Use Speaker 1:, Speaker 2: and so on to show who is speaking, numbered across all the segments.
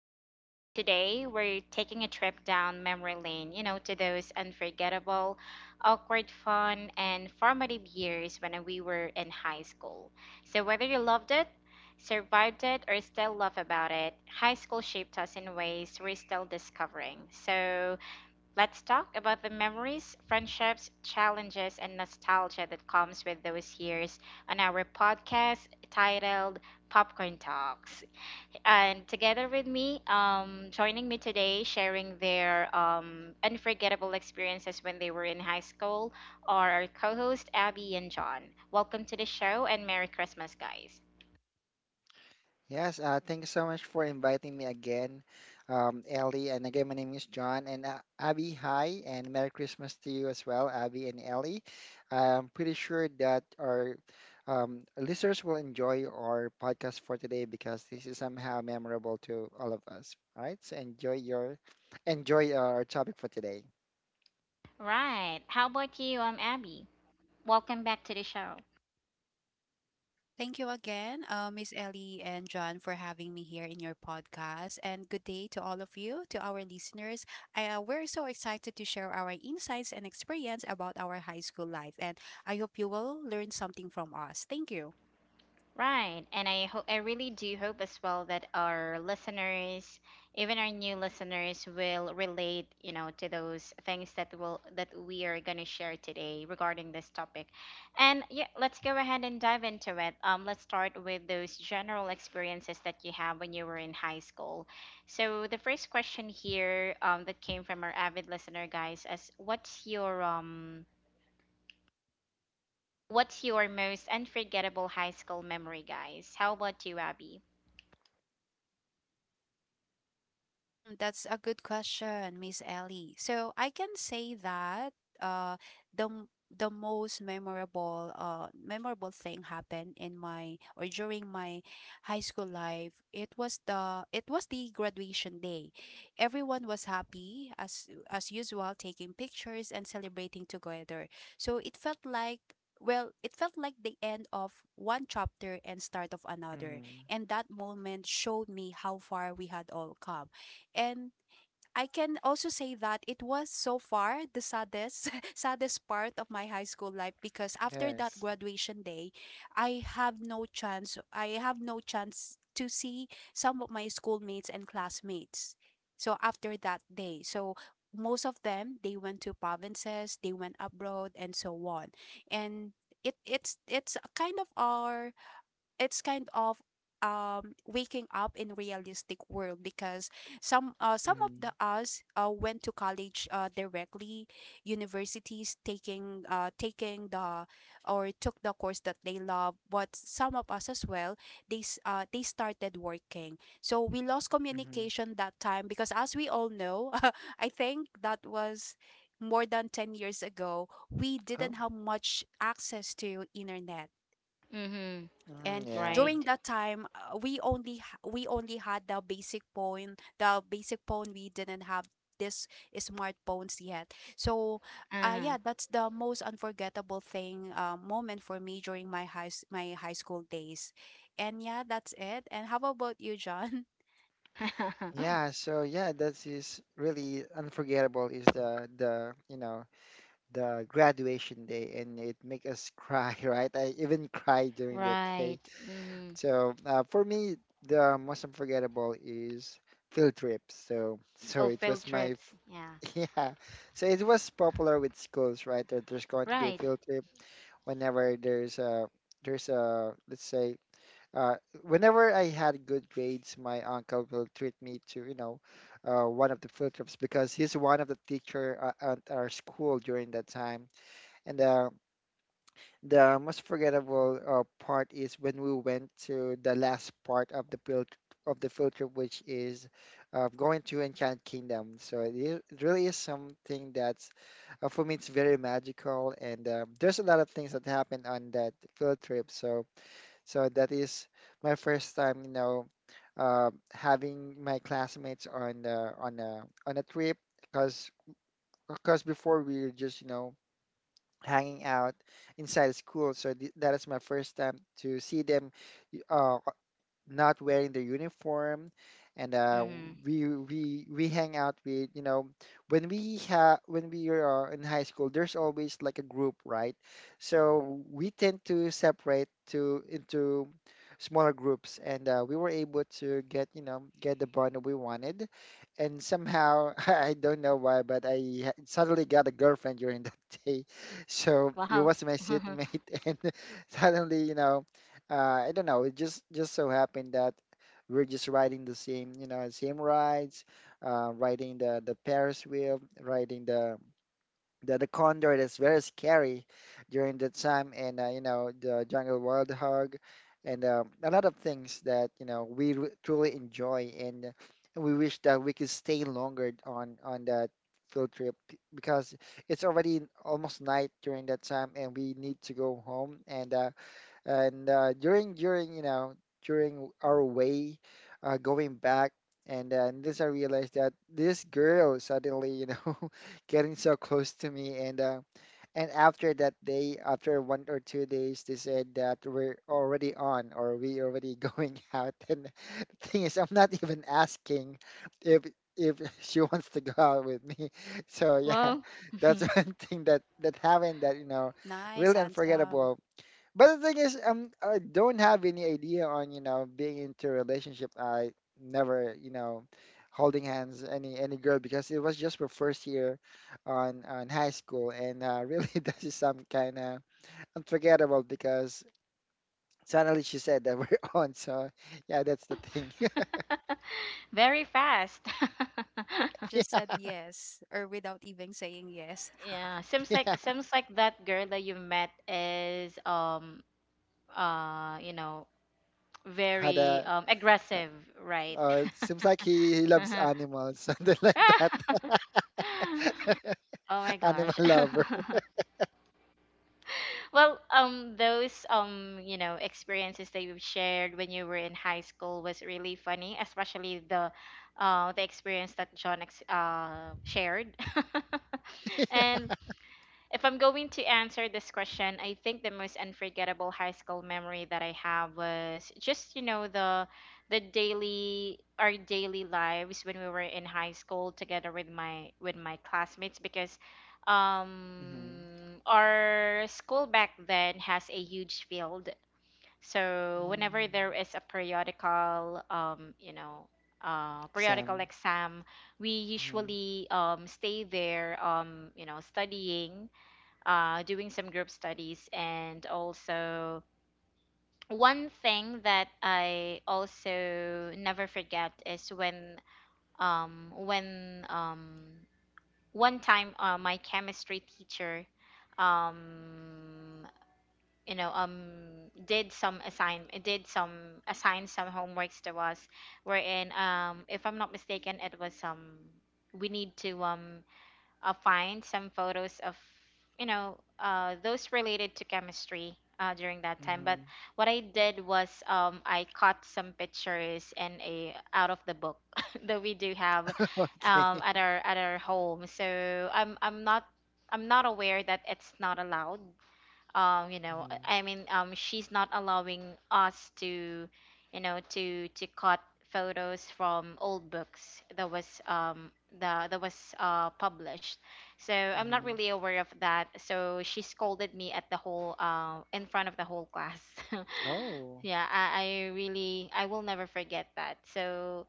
Speaker 1: And today we're taking a trip down memory lane, you know, to those unforgettable, awkward, fun, and formative years when we were in high school. So whether you loved it, survived it, or still love about it, high school shaped us in ways we're still discovering. Let's talk about the memories, friendships, challenges, and nostalgia that comes with those years on our podcast titled Popcorn Talks. And together with me, joining me today, sharing their unforgettable experiences when they were in high school, are our co-host Abby and John. Welcome to the show and Merry Christmas, guys.
Speaker 2: Yes, thank you so much for inviting me again, Ellie. And again, my name is John. And Abby, hi, and Merry Christmas to you as well, Abby and Ellie. I'm pretty sure that our listeners will enjoy our podcast for today because this is somehow memorable to all of us. All right, so enjoy our topic for today.
Speaker 1: Right. How about you, Abby? Welcome back to the show.
Speaker 3: Thank you again, Miss Ellie and John, for having me here in your podcast. And good day to all of you, to our listeners. We're so excited to share our insights and experience about our high school life. And I hope you will learn something from us. Thank you.
Speaker 1: Right. And I hope I really do hope as well that our listeners, even our new listeners will relate, you know, to those things that we are going to share today regarding this topic. And yeah, let's go ahead and dive into it. Let's start with those general experiences that you have when you were in high school. So the first question here that came from our avid listener, guys, is what's your most unforgettable high school memory, guys? How about you, Abby?
Speaker 3: Mm, that's a good question, Miss Ellie. So I can say that uh the most memorable memorable thing happened in my or during my high school life. It was the graduation day. Everyone was happy as usual, taking pictures and celebrating together. So it felt like it felt like the end of one chapter and start of another,
Speaker 2: Mm,
Speaker 3: and that moment showed me how far we had all come. And I can also say that it was so far the saddest saddest part of my high school life because after that
Speaker 2: yes.
Speaker 3: graduation day, I have no chance to see some of my schoolmates and classmates. After that day, most of them, they went to provinces, they went abroad and so on. And it's a kind of it's kind of waking up in realistic world because some of
Speaker 2: Mm,
Speaker 3: the us went to college directly universities, taking taking the or took the course that they love, but some of us as well, they started working. So we lost
Speaker 2: mm,
Speaker 3: communication that time because, as we all know, I think that was more than 10 years ago. We didn't
Speaker 2: oh,
Speaker 3: have much access to internet,
Speaker 1: Mm-hmm.
Speaker 2: mm,
Speaker 3: and
Speaker 2: yeah.
Speaker 3: during
Speaker 1: Right.
Speaker 3: that time, we only had the basic phone, the basic phone. We didn't have this smartphones yet. So
Speaker 1: Uh-huh.
Speaker 3: yeah, that's the most unforgettable thing moment for me during my high school days. And yeah, that's it. And how about you, John?
Speaker 2: Yeah, so that is really unforgettable, is the the graduation day, and it make us cry, right? I even cried during that
Speaker 1: Right.
Speaker 2: day.
Speaker 1: Mm-hmm.
Speaker 2: So for me, the most unforgettable is field trips. So so
Speaker 1: Oh,
Speaker 2: it
Speaker 1: field
Speaker 2: was my
Speaker 1: trips. Yeah.
Speaker 2: f- yeah. So it was popular with schools, right? That there's going to be a
Speaker 1: Right.
Speaker 2: field trip whenever there's a let's say uh, whenever I had good grades, my uncle will treat me to, you know, one of the field trips because he's one of the teacher at our school during that time. And the most forgettable part is when we went to the last part of the field trip, which is going to Enchanted Kingdom. So it really is something that's for me it's very magical, and there's a lot of things that happen on that field trip. So so that is my first time, you know, having my classmates on a trip because before we were just you know hanging out inside school. So that is my first time to see them y- uh, not wearing the uniform and
Speaker 1: Mm-hmm.
Speaker 2: we hang out with you know when we have when we are in high school there's always like a group, right? So we tend to separate to into smaller groups, and we were able to get you know get the bond that we wanted, and somehow I don't know why, but suddenly got a girlfriend during that day. So it
Speaker 1: Wow.
Speaker 2: was my seatmate. And suddenly you know uh, I don't know. It just so happened that we're just riding the same, you know, same rides, riding the Ferris wheel, riding the condor that's very scary during that time, and you know the jungle wild hog, and a lot of things that you know truly enjoy, and we wish that we could stay longer on that field trip because it's already almost night during that time, and we need to go home. And during you know during our way going back and this I realized that this girl suddenly you know getting so close to me. And and after that day, after 1 or 2 days, they said that we're already on, or we already going out, and the thing is I'm not even asking if if she wants to go out with me. So yeah,
Speaker 1: Wow.
Speaker 2: that's one thing that that happened that you know
Speaker 3: Nice,
Speaker 2: really
Speaker 3: handsome.
Speaker 2: unforgettable. But the thing is, I don't have any idea on, you know, being into a relationship. I never, you know, holding hands any girl because it was just my first year on high school, and really this is some kind of unforgettable because suddenly she said that we're on. So yeah, that's the thing.
Speaker 1: Very fast.
Speaker 3: You just said yes or without even saying yes?
Speaker 1: Yeah, seems
Speaker 2: Yeah,
Speaker 1: like that girl that you met is you know,
Speaker 2: had
Speaker 1: very
Speaker 2: a
Speaker 1: aggressive, right?
Speaker 2: seems like he loves animals, something like that.
Speaker 1: Oh my
Speaker 2: Animal
Speaker 1: gosh.
Speaker 2: lover.
Speaker 1: well, those you know, experiences that you've shared when you were in high school was really funny, especially the experience that John shared.
Speaker 2: yeah.
Speaker 1: and if I'm going to answer this question, I think the most unforgettable high school memory that I have was just, you know, the daily our daily lives when we were in high school together with my classmates because
Speaker 2: Hmm.
Speaker 1: our school back then has a huge field. So whenever
Speaker 2: Mm.
Speaker 1: there is a periodical you know, periodical
Speaker 2: Sam.
Speaker 1: exam, we
Speaker 2: Hmm.
Speaker 1: usually stay there, you know, studying, doing some group studies. And also, one thing that I also never forget is when, um, when um, one time, my chemistry teacher, um, you know, did some assign some homeworks to us, wherein, if I'm not mistaken, it was, we need to find some photos of, you know, those related to chemistry during that time. But
Speaker 2: Hmm.
Speaker 1: what I did was, I caught some pictures in a out of the book that we do have
Speaker 2: Okay.
Speaker 1: at our home. So I'm not aware that it's not allowed. You know, uh,
Speaker 2: Mhm.
Speaker 1: i mean um she's not allowing us to, you know, to cut photos from old books that was, the that was published, so I'm not
Speaker 2: Mhm.
Speaker 1: really aware of that. So she scolded me at the whole, in front of the whole class.
Speaker 2: Oh.
Speaker 1: yeah, I really, I will never forget that. So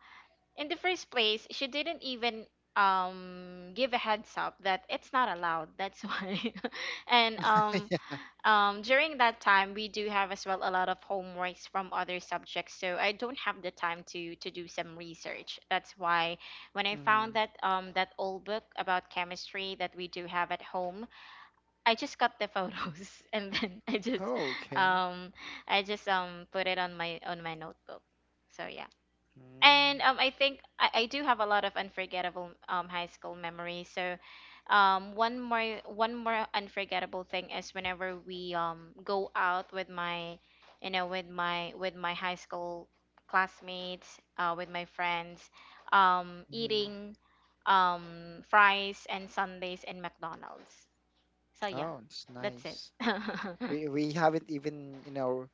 Speaker 1: in the first place she didn't even give a heads up that it's not allowed, that's why. and during that time, we do have as well a lot of homeworks from other subjects, so I don't have the time to do some research. That's why when I found
Speaker 2: Mhm.
Speaker 1: that that old book about chemistry that we do have at home, I just got the photos and then
Speaker 2: Oh, okay.
Speaker 1: um I just put it on my notebook. So yeah.
Speaker 2: Mm.
Speaker 1: And I think I do have a lot of unforgettable high school memories. So, one more unforgettable thing is whenever we go out with my, you know, with my high school classmates, with my friends,
Speaker 2: Mhm.
Speaker 1: eating fries and sundaes in McDonald's. So yeah,
Speaker 2: Oh, it's
Speaker 1: that's it.
Speaker 2: nice. We haven't even, you know,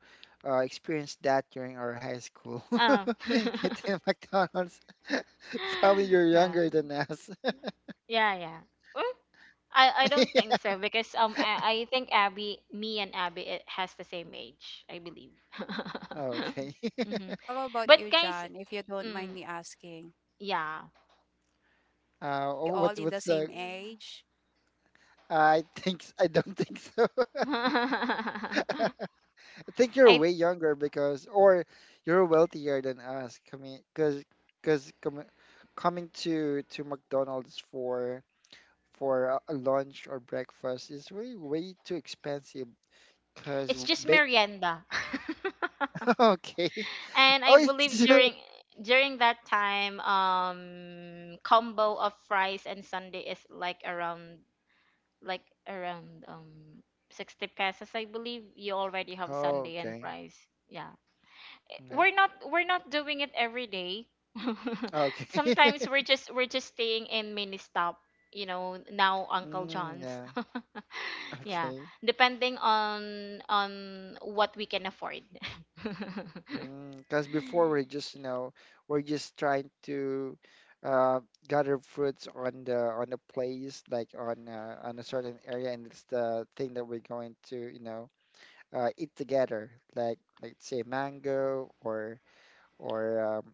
Speaker 2: experienced that during our high school.
Speaker 1: Oh.
Speaker 2: Hitting McDonald's. Probably you're
Speaker 1: Right.
Speaker 2: younger than us.
Speaker 1: Yeah, yeah. Mm, I don't think so because I think Abby me and Abby it has the same age, I believe.
Speaker 2: Okay.
Speaker 1: hmm
Speaker 3: How about
Speaker 1: But
Speaker 3: you,
Speaker 1: guys,
Speaker 3: John, if you don't
Speaker 1: mm,
Speaker 3: mind me asking,
Speaker 1: yeah.
Speaker 3: are we
Speaker 2: Oh,
Speaker 3: all in the
Speaker 2: what's the?
Speaker 3: same age?
Speaker 2: I think I don't think so. I think you're
Speaker 1: I,
Speaker 2: way younger because, or you're wealthier than us. Coming, cause, cause com Coming to McDonald's for a lunch or breakfast is way way too expensive. Cause
Speaker 1: it's just
Speaker 2: ba
Speaker 1: merienda.
Speaker 2: Okay.
Speaker 1: and
Speaker 2: Oh,
Speaker 1: I believe
Speaker 2: it's
Speaker 1: during that time combo of fries and sundae is like around like around um 60 pesos, I believe, you already have
Speaker 2: oh,
Speaker 1: sundae and
Speaker 2: okay.
Speaker 1: fries. Yeah.
Speaker 2: Yeah.
Speaker 1: We're not doing it every day.
Speaker 2: Okay.
Speaker 1: sometimes we're just staying in mini stop, you know, now uncle
Speaker 2: Mm,
Speaker 1: john's.
Speaker 2: yeah,
Speaker 1: yeah,
Speaker 2: okay.
Speaker 1: depending on what we can afford.
Speaker 2: Because before we're just, you know, we're just trying to uh, gather fruits on the place, like on a certain area, and it's the thing that we're going to, you know, eat together, like say mango or or um,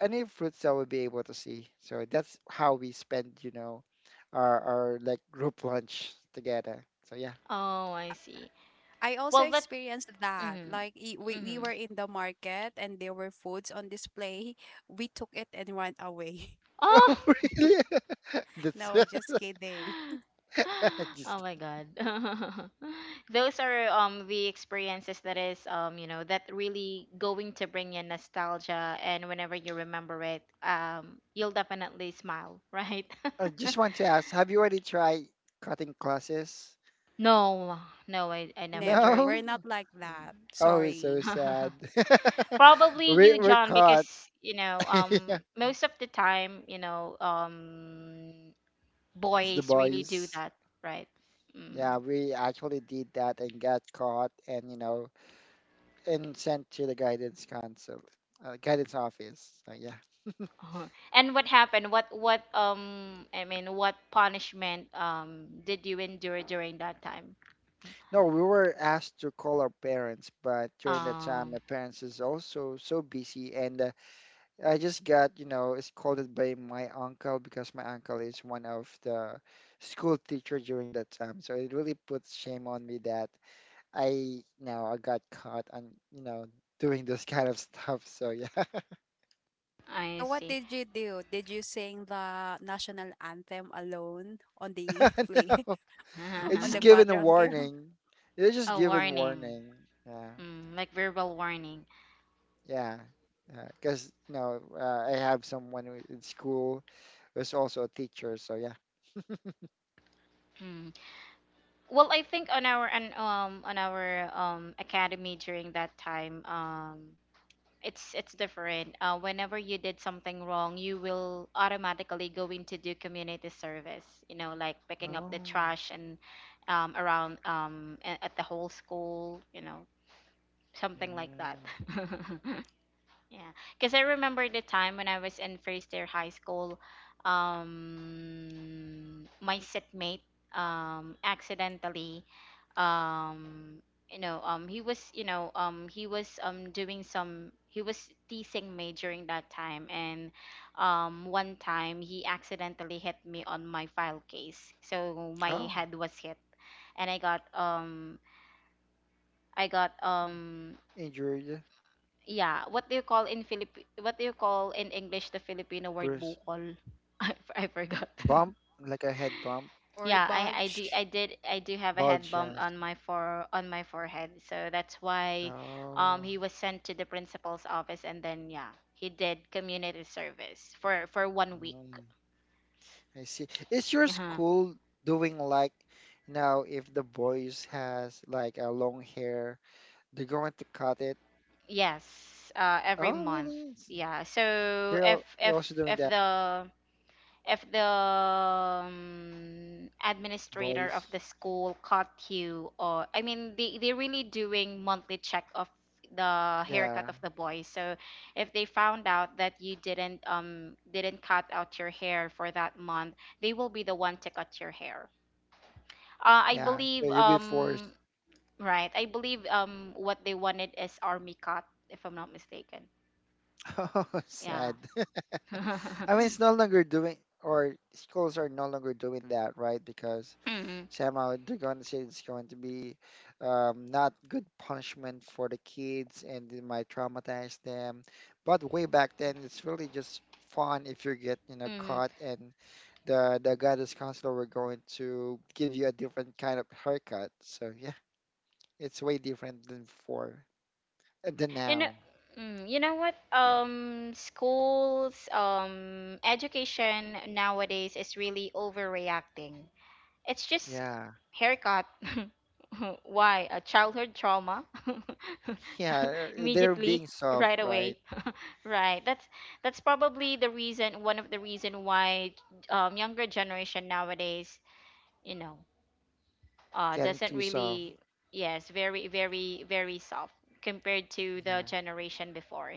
Speaker 2: any fruits that we'll be able to see. So that's how we spend, you know, our like group lunch together. So yeah.
Speaker 1: oh, I see.
Speaker 3: I also
Speaker 1: Well, that,
Speaker 3: experienced that.
Speaker 1: mm-hmm,
Speaker 3: Like, we
Speaker 1: mm-hmm.
Speaker 3: were in the market and there were foods on display. We took it and went away.
Speaker 1: Oh.
Speaker 2: Oh really? That's
Speaker 3: No, just kidding.
Speaker 1: Oh
Speaker 2: just
Speaker 1: my God. Those are the experiences that is, you know, that really going to bring you nostalgia, and whenever you remember it, you'll definitely smile, right?
Speaker 2: I just want to ask, have you already tried cutting classes?
Speaker 1: No, no, I
Speaker 3: No,
Speaker 1: never
Speaker 3: never.
Speaker 1: tried.
Speaker 3: We're
Speaker 2: No?
Speaker 3: not like that.
Speaker 2: Oh, it's so
Speaker 3: Sorry.
Speaker 1: Mm.
Speaker 2: sad.
Speaker 1: Probably
Speaker 2: We
Speaker 1: you,
Speaker 2: we're
Speaker 1: John,
Speaker 2: caught.
Speaker 1: because you know,
Speaker 2: Yeah,
Speaker 1: most of the time, you know,
Speaker 2: it's the
Speaker 1: boys really do
Speaker 2: boys.
Speaker 1: that, right?
Speaker 2: Yeah,
Speaker 1: Mm.
Speaker 2: we actually did that and got caught, and you know and sent to the guidance council, guidance office. So yeah.
Speaker 1: Uh-huh. And what happened? What I mean what punishment did you endure during that time?
Speaker 2: No, we were asked to call our parents, but during that time,
Speaker 1: Um
Speaker 2: my parents is also so busy, and I just got, you know, scolded by my uncle because my uncle is one of the school teacher during that time. So it really puts shame on me that I, you know, I got caught on, you know, doing this kind of stuff. So yeah,
Speaker 3: So
Speaker 1: I
Speaker 3: what
Speaker 1: see.
Speaker 3: did you do? Did you sing the national anthem alone on the play,
Speaker 2: no, it's
Speaker 3: on the
Speaker 2: just given a
Speaker 3: quadrangle
Speaker 2: warning. It's just
Speaker 1: A
Speaker 2: given
Speaker 1: warning.
Speaker 2: warning. Yeah,
Speaker 1: Mm, like verbal warning.
Speaker 2: yeah. Because, you know, I have someone in school who's also a teacher. So yeah.
Speaker 1: Mm. Well, I think on our academy during that time, it's different. Whenever you did something wrong, you will automatically go into do community service. You know, like picking up the
Speaker 2: Oh.
Speaker 1: trash and at the whole school. You know, something like that.
Speaker 2: Mm.
Speaker 1: yeah, because I remember the time when I was in first year high school. My setmate accidentally, um you know he was you know he was doing some, he was teasing me during that time, and one time he accidentally hit me on my file case, so my
Speaker 2: Oh.
Speaker 1: head was hit, and I got
Speaker 2: Injured,
Speaker 1: yeah. What do you call in Philip, what do you call in english the filipino word
Speaker 2: bruised.
Speaker 1: bukol? I forgot.
Speaker 2: Bump, like a head bump,
Speaker 3: or
Speaker 1: Yeah, I I do
Speaker 3: bulge?
Speaker 1: I did I do have a head bump
Speaker 2: bulges.
Speaker 1: on my forehead, so that's why
Speaker 2: Oh,
Speaker 1: he was sent to the principal's office, and then yeah, he did community service for 1 week.
Speaker 2: mm, I see. Is your
Speaker 1: Uh-huh.
Speaker 2: school doing like, you know, if the boys has like a long hair, they're going to cut it?
Speaker 1: Yes, every
Speaker 2: Oh,
Speaker 1: month.
Speaker 2: really?
Speaker 1: Yeah. So
Speaker 2: They're also doing
Speaker 1: if
Speaker 2: that,
Speaker 1: the if the
Speaker 2: to
Speaker 1: administrator of
Speaker 2: boys.
Speaker 1: the school caught you, or they, they're really doing monthly check of the haircut
Speaker 2: Yeah,
Speaker 1: of the boys. So if they found out that you didn't cut out your hair for that month, they will be the one to cut your hair. uh, i
Speaker 2: yeah. So
Speaker 1: believe
Speaker 2: you'll be
Speaker 1: um
Speaker 2: forced.
Speaker 1: right i believe what they wanted is army cut if I'm not mistaken.
Speaker 2: Oh,
Speaker 1: Yeah.
Speaker 2: sad. I mean, it's no longer doing, or schools are no longer doing that, right? Because
Speaker 1: mm-hmm.
Speaker 2: somehow they're going to say it's going to be not good punishment for the kids, and it might traumatize them. But way back then, it's really just fun if you get you know caught, and the guidance counselor were going to give you a different kind of haircut. So yeah, it's way different than before than
Speaker 1: You know,
Speaker 2: now.
Speaker 1: mm, you know what? Schools, education nowadays is really overreacting. It's just
Speaker 2: Yeah,
Speaker 1: haircut. Why? A childhood trauma?
Speaker 2: yeah, they're
Speaker 1: Immediately,
Speaker 2: being soft,
Speaker 1: right
Speaker 2: right?
Speaker 1: away. Right. That's probably the reason, one of the reason why younger generation nowadays, you know,
Speaker 2: Getting
Speaker 1: doesn't
Speaker 2: too soft.
Speaker 1: really, yes, very, very, very soft compared to the
Speaker 2: Yeah,
Speaker 1: generation before.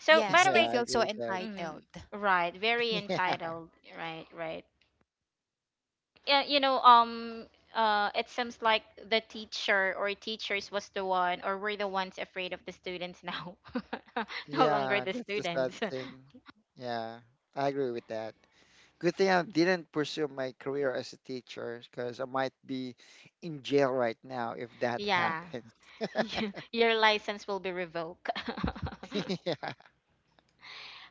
Speaker 1: So, by
Speaker 3: Yes,
Speaker 1: the
Speaker 3: they
Speaker 2: yeah,
Speaker 1: way,
Speaker 2: I
Speaker 3: feel so
Speaker 2: agree with that.
Speaker 1: mhm,
Speaker 3: entitled.
Speaker 1: right, very
Speaker 2: Yeah.
Speaker 1: entitled, right, right. Yeah, you know, it seems like the teacher or teachers was the one, or were the ones afraid of the students now. No longer
Speaker 2: Yeah,
Speaker 1: the
Speaker 2: that's the sad
Speaker 1: students.
Speaker 2: thing. Yeah, I agree with that. Good thing I didn't pursue my career as a teacher because I might be in jail right now if that
Speaker 1: Yeah,
Speaker 2: happens.
Speaker 1: your license will be revoked.
Speaker 2: Yeah.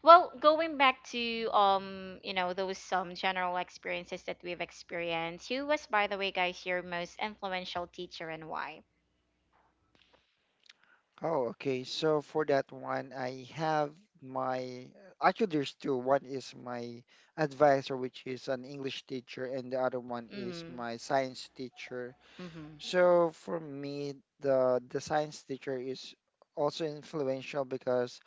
Speaker 1: Well, going back to, you know, those some general experiences that we've experienced. Who was, by the way, guys, your most influential teacher and why?
Speaker 2: Oh, okay. So for that one, I have my actually there's two. One is my advisor, which is an English teacher, and the other one is
Speaker 1: Mm-hmm.
Speaker 2: my science teacher.
Speaker 1: Mm-hmm.
Speaker 2: So for me, the science teacher is also influential because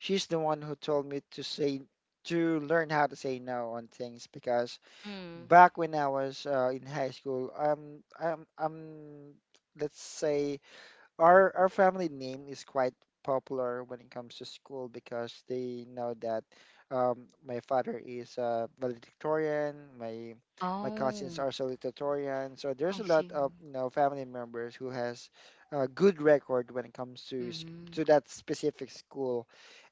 Speaker 2: she's the one who told me to learn how to say no on things, because
Speaker 1: Mm.
Speaker 2: back when I was in high school, I'm let's say our family name is quite popular when it comes to school, because they know that my father is a valedictorian, my cousins
Speaker 1: Oh,
Speaker 2: are salutatorian. So there's
Speaker 1: I
Speaker 2: a lot of
Speaker 1: see.
Speaker 2: you know family members who has a good record when it comes to
Speaker 1: Mm-hmm.
Speaker 2: to that specific school.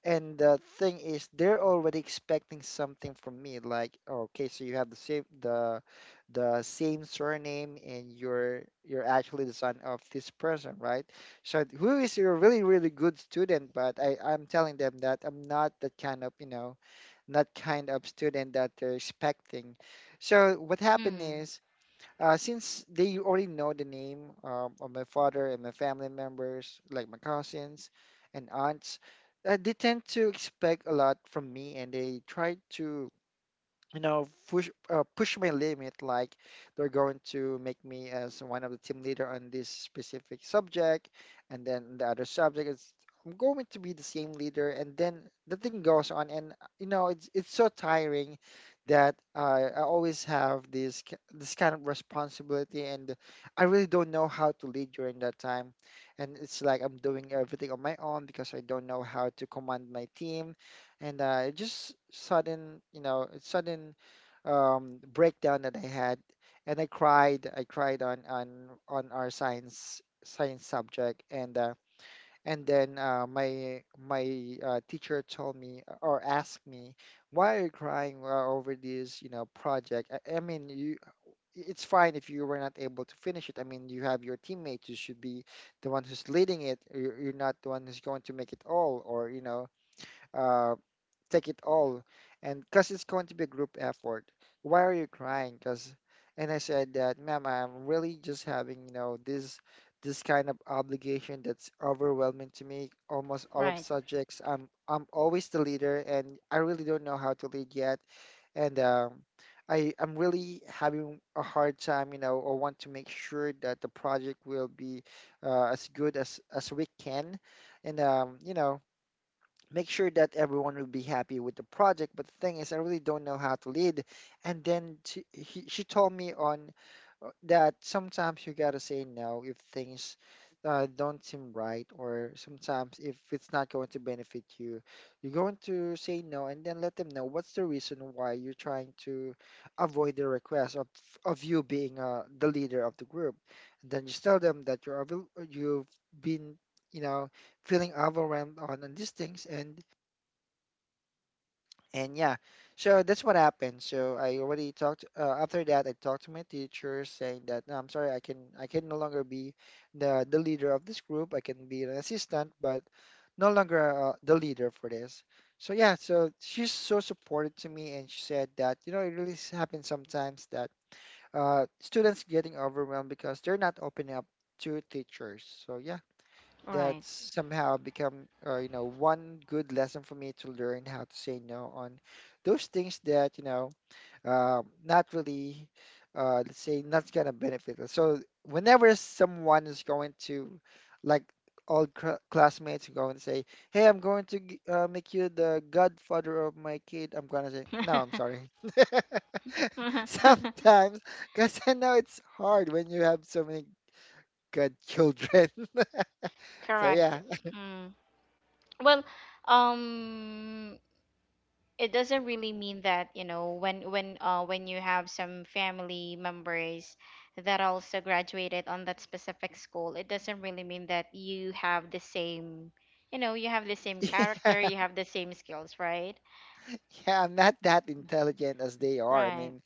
Speaker 2: And the thing is, they're already expecting something from me, like, okay, so you have the same surname, and you're actually the son of this person, right? So who is a really, really good student, but I'm telling them that I'm not that kind of, you know, not kind of student that they're expecting. So what happened
Speaker 1: Mm,
Speaker 2: is, since they already know the name of my father and my family members, like my cousins and aunts, they tend to expect a lot from me, and they try to you know push my limit, like they're going to make me as one of the team leader on this specific subject, and then the other subject is I'm going to be the same leader, and then the thing goes on. And you know it's so tiring that I always have this this kind of responsibility, and I really don't know how to lead during that time, and it's like I'm doing everything on my own because I don't know how to command my team. And it just sudden you know it's sudden breakdown that I had, and I cried. I cried on our science subject. And and then my teacher told me or asked me, "Why are you crying over this, you know, project? I mean, you it's fine if you were not able to finish it. I mean, you have your teammates. You should be the one who's leading it. You're not the one who's going to make it all, or you know." uh, Take it all, and because it's going to be a group effort, why are you crying, because— And I said that, "Ma'am, I'm really just having, you know, this kind of obligation that's overwhelming to me. Almost all of
Speaker 1: right,
Speaker 2: subjects, I'm always the leader and I really don't know how to lead yet." And I'm really having a hard time, you know, or want to make sure that the project will be as good as— as we can. And, you know, make sure that everyone will be happy with the project. But the thing is, I really don't know how to lead. And then she told me on— that sometimes you gotta say no if things don't seem right, or sometimes if it's not going to benefit you, you're going to say no and then let them know what's the reason why you're trying to avoid the request of— of you being the leader of the group. And then just tell them that you're you've been, you know, feeling overwhelmed on— on these things, and— and yeah. So that's what happened, so I already talked— after that, I talked to my teacher saying that, "No, I'm sorry, I can no longer be the leader of this group. I can be an assistant, but no longer the leader for this." So yeah, so she's so supportive to me, and she said that, you know, it really happens sometimes that students getting overwhelmed because they're not opening up to teachers. So yeah, that
Speaker 1: right.
Speaker 2: somehow become, you know, one good lesson for me to learn how to say no on those things that, you know, not really, let's say, not gonna benefit us. So whenever someone is going to, like, classmates go and say, "Hey, I'm going to make you the godfather of my kid," I'm gonna say, "No, I'm sorry." Sometimes, because I know it's hard when you have so many godchildren. So
Speaker 1: Correct.
Speaker 2: yeah.
Speaker 1: Mm. Well, um, it doesn't really mean that, you know, when you have some family members that also graduated on that specific school, it doesn't really mean that you have the same, you know, you have the same
Speaker 2: Yeah,
Speaker 1: character, you have the same skills, right?
Speaker 2: yeah, I'm not that intelligent as they are. I
Speaker 1: Right.
Speaker 2: mean,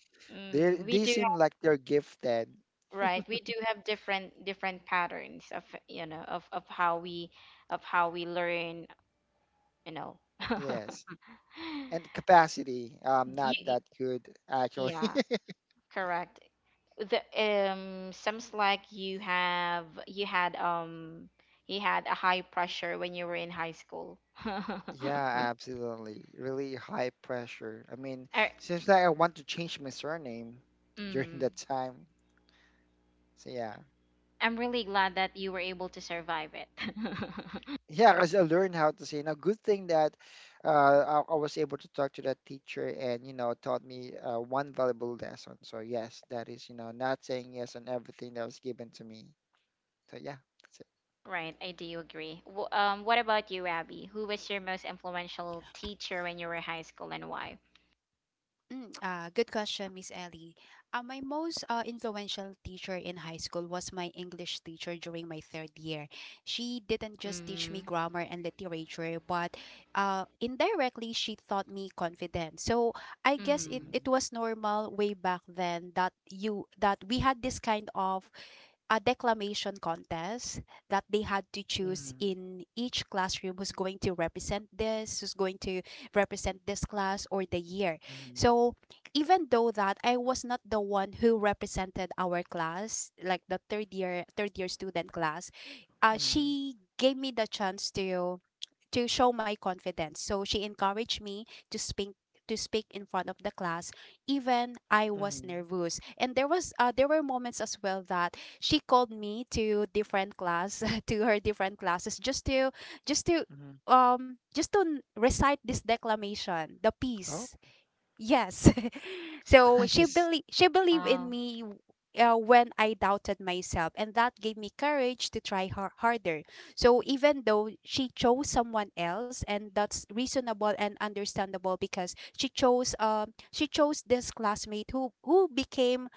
Speaker 2: they
Speaker 1: Mm. We
Speaker 2: they
Speaker 1: do.
Speaker 2: seem like they're gifted.
Speaker 1: Right. We do have different patterns of, you know, of how we learn, you know.
Speaker 2: Yes. And capacity, I'm
Speaker 1: You,
Speaker 2: not
Speaker 1: y-,
Speaker 2: that good actually.
Speaker 1: yeah, correct. The sounds like you have, you had, you had a high pressure when you were in high school.
Speaker 2: Yeah, absolutely. Really high pressure. I mean,
Speaker 1: I,
Speaker 2: seems like I want to change my surname during
Speaker 1: mm,
Speaker 2: that time. So yeah.
Speaker 1: I'm really glad that you were able to survive it.
Speaker 2: Yeah, because I learned how to say. Now, good thing that I was able to talk to that teacher and, you know, taught me one valuable lesson. So yes, that is, you know, not saying yes on everything that was given to me. So yeah, that's it.
Speaker 1: Right, I do agree. Wh-, um, what about you, Abby? Who was your most influential teacher when you were high school and why?
Speaker 3: Mm, good question, Miss Ellie. My most influential teacher in high school was my English teacher during my third year. She didn't just teach me
Speaker 1: Mm-hmm.
Speaker 3: grammar and literature, but indirectly, she taught me confidence. So I guess it,
Speaker 1: Mm-hmm.
Speaker 2: Mm-hmm.
Speaker 3: it was normal way back then that you that we had this kind of a declamation contest, that they had to choose
Speaker 2: Mm-hmm.
Speaker 3: in each classroom who's going to represent this, who's going to represent this class or the year. So even though that I was not the one who represented our class, like the third year student class,
Speaker 2: Mm-hmm.
Speaker 3: she gave me the chance to show my confidence. So she encouraged me to speak to speak in front of the class, even I was
Speaker 2: Mm-hmm.
Speaker 3: nervous. And there were moments as well that she called me to different class to her different classes just to just to
Speaker 2: Mm-hmm.
Speaker 3: recite this declamation, the
Speaker 2: Oh,
Speaker 3: piece. Yes.
Speaker 2: it's
Speaker 3: So
Speaker 2: nice.
Speaker 3: she believed in
Speaker 1: Wow.
Speaker 3: me when I doubted myself, and that gave me courage to try harder. So even though she chose someone else, and that's reasonable and understandable because she chose this classmate who became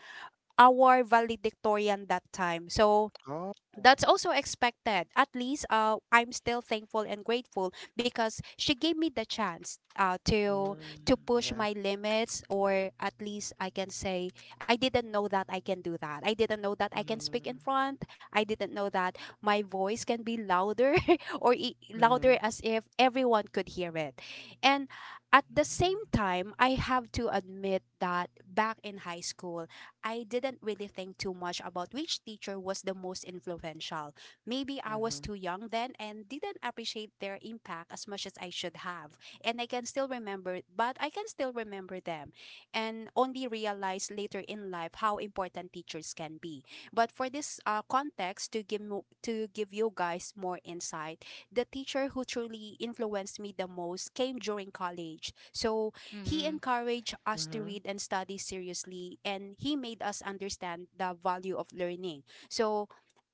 Speaker 3: our valedictorian that time. So
Speaker 2: Oh,
Speaker 3: that's also expected. At least I'm still thankful and grateful because she gave me the chance to
Speaker 2: mm,
Speaker 3: push
Speaker 2: yeah.
Speaker 3: my limits, or at least I can say I didn't know that I can do that. I didn't know that I can speak in
Speaker 2: Mm-hmm.
Speaker 3: front. I didn't know that my voice can be louder or louder
Speaker 2: Mm-hmm.
Speaker 3: as if everyone could hear it. And at the same time, I have to admit that back in high school, I didn't really think too much about which teacher was the most influential. Maybe I was
Speaker 2: Mm-hmm.
Speaker 3: too young then and didn't appreciate their impact as much as I should have. And I can still remember, but I can still remember them and only realize later in life how important teachers can be. But for this context, to give you guys more insight, the teacher who truly influenced me the most came during college. So he
Speaker 1: Mm-hmm.
Speaker 3: encouraged us to
Speaker 2: Mm-hmm.
Speaker 3: read and study seriously, and he made us understand the value of learning. So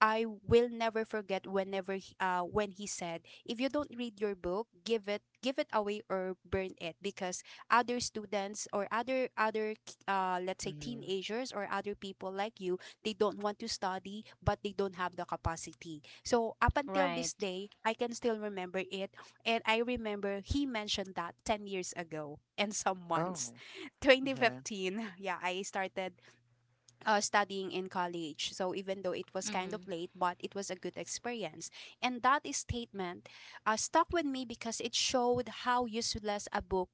Speaker 3: I will never forget when he said, if you don't read your book, give it away or burn it, because other students or other let's say
Speaker 2: Mm-hmm.
Speaker 3: teenagers or other people like you, they don't want to study, but they don't have the capacity. So up until this
Speaker 1: Right.
Speaker 3: day, I can still remember it. And I remember he mentioned that 10 years ago and some months.
Speaker 2: Oh, yeah.
Speaker 3: 2015, yeah, I started studying in college. So even though it was kind
Speaker 1: Mm-hmm.
Speaker 3: of late, but it was a good experience. And that is statement stuck with me because it showed how useless a book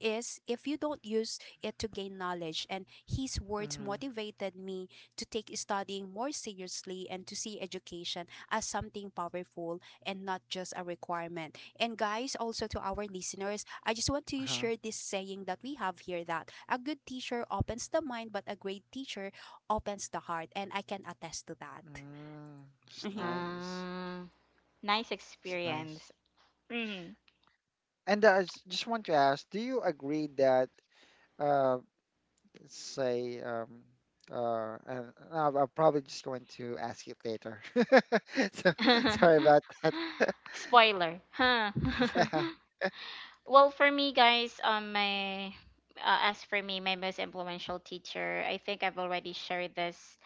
Speaker 3: is if you don't use it to gain knowledge. And his words
Speaker 2: Mm-hmm.
Speaker 3: motivated me to take studying more seriously and to see education as something powerful and not just a requirement. And guys, also to our listeners, I just want to
Speaker 2: Uh-huh.
Speaker 3: share this saying that we have here, that a good teacher opens the mind, but a great teacher opens the heart, and I can attest to that.
Speaker 2: Mm, it's
Speaker 3: Mhm.
Speaker 2: nice.
Speaker 1: Uh, nice
Speaker 2: It's nice.
Speaker 1: experience. Mm-hmm.
Speaker 2: And I just want to ask, do you agree that, uh, let's say, and I'll probably just going to ask it later. So sorry about that.
Speaker 1: Spoiler. Huh.
Speaker 2: Yeah.
Speaker 1: Well, for me, guys, my as for me, my most influential teacher, I think I've already shared this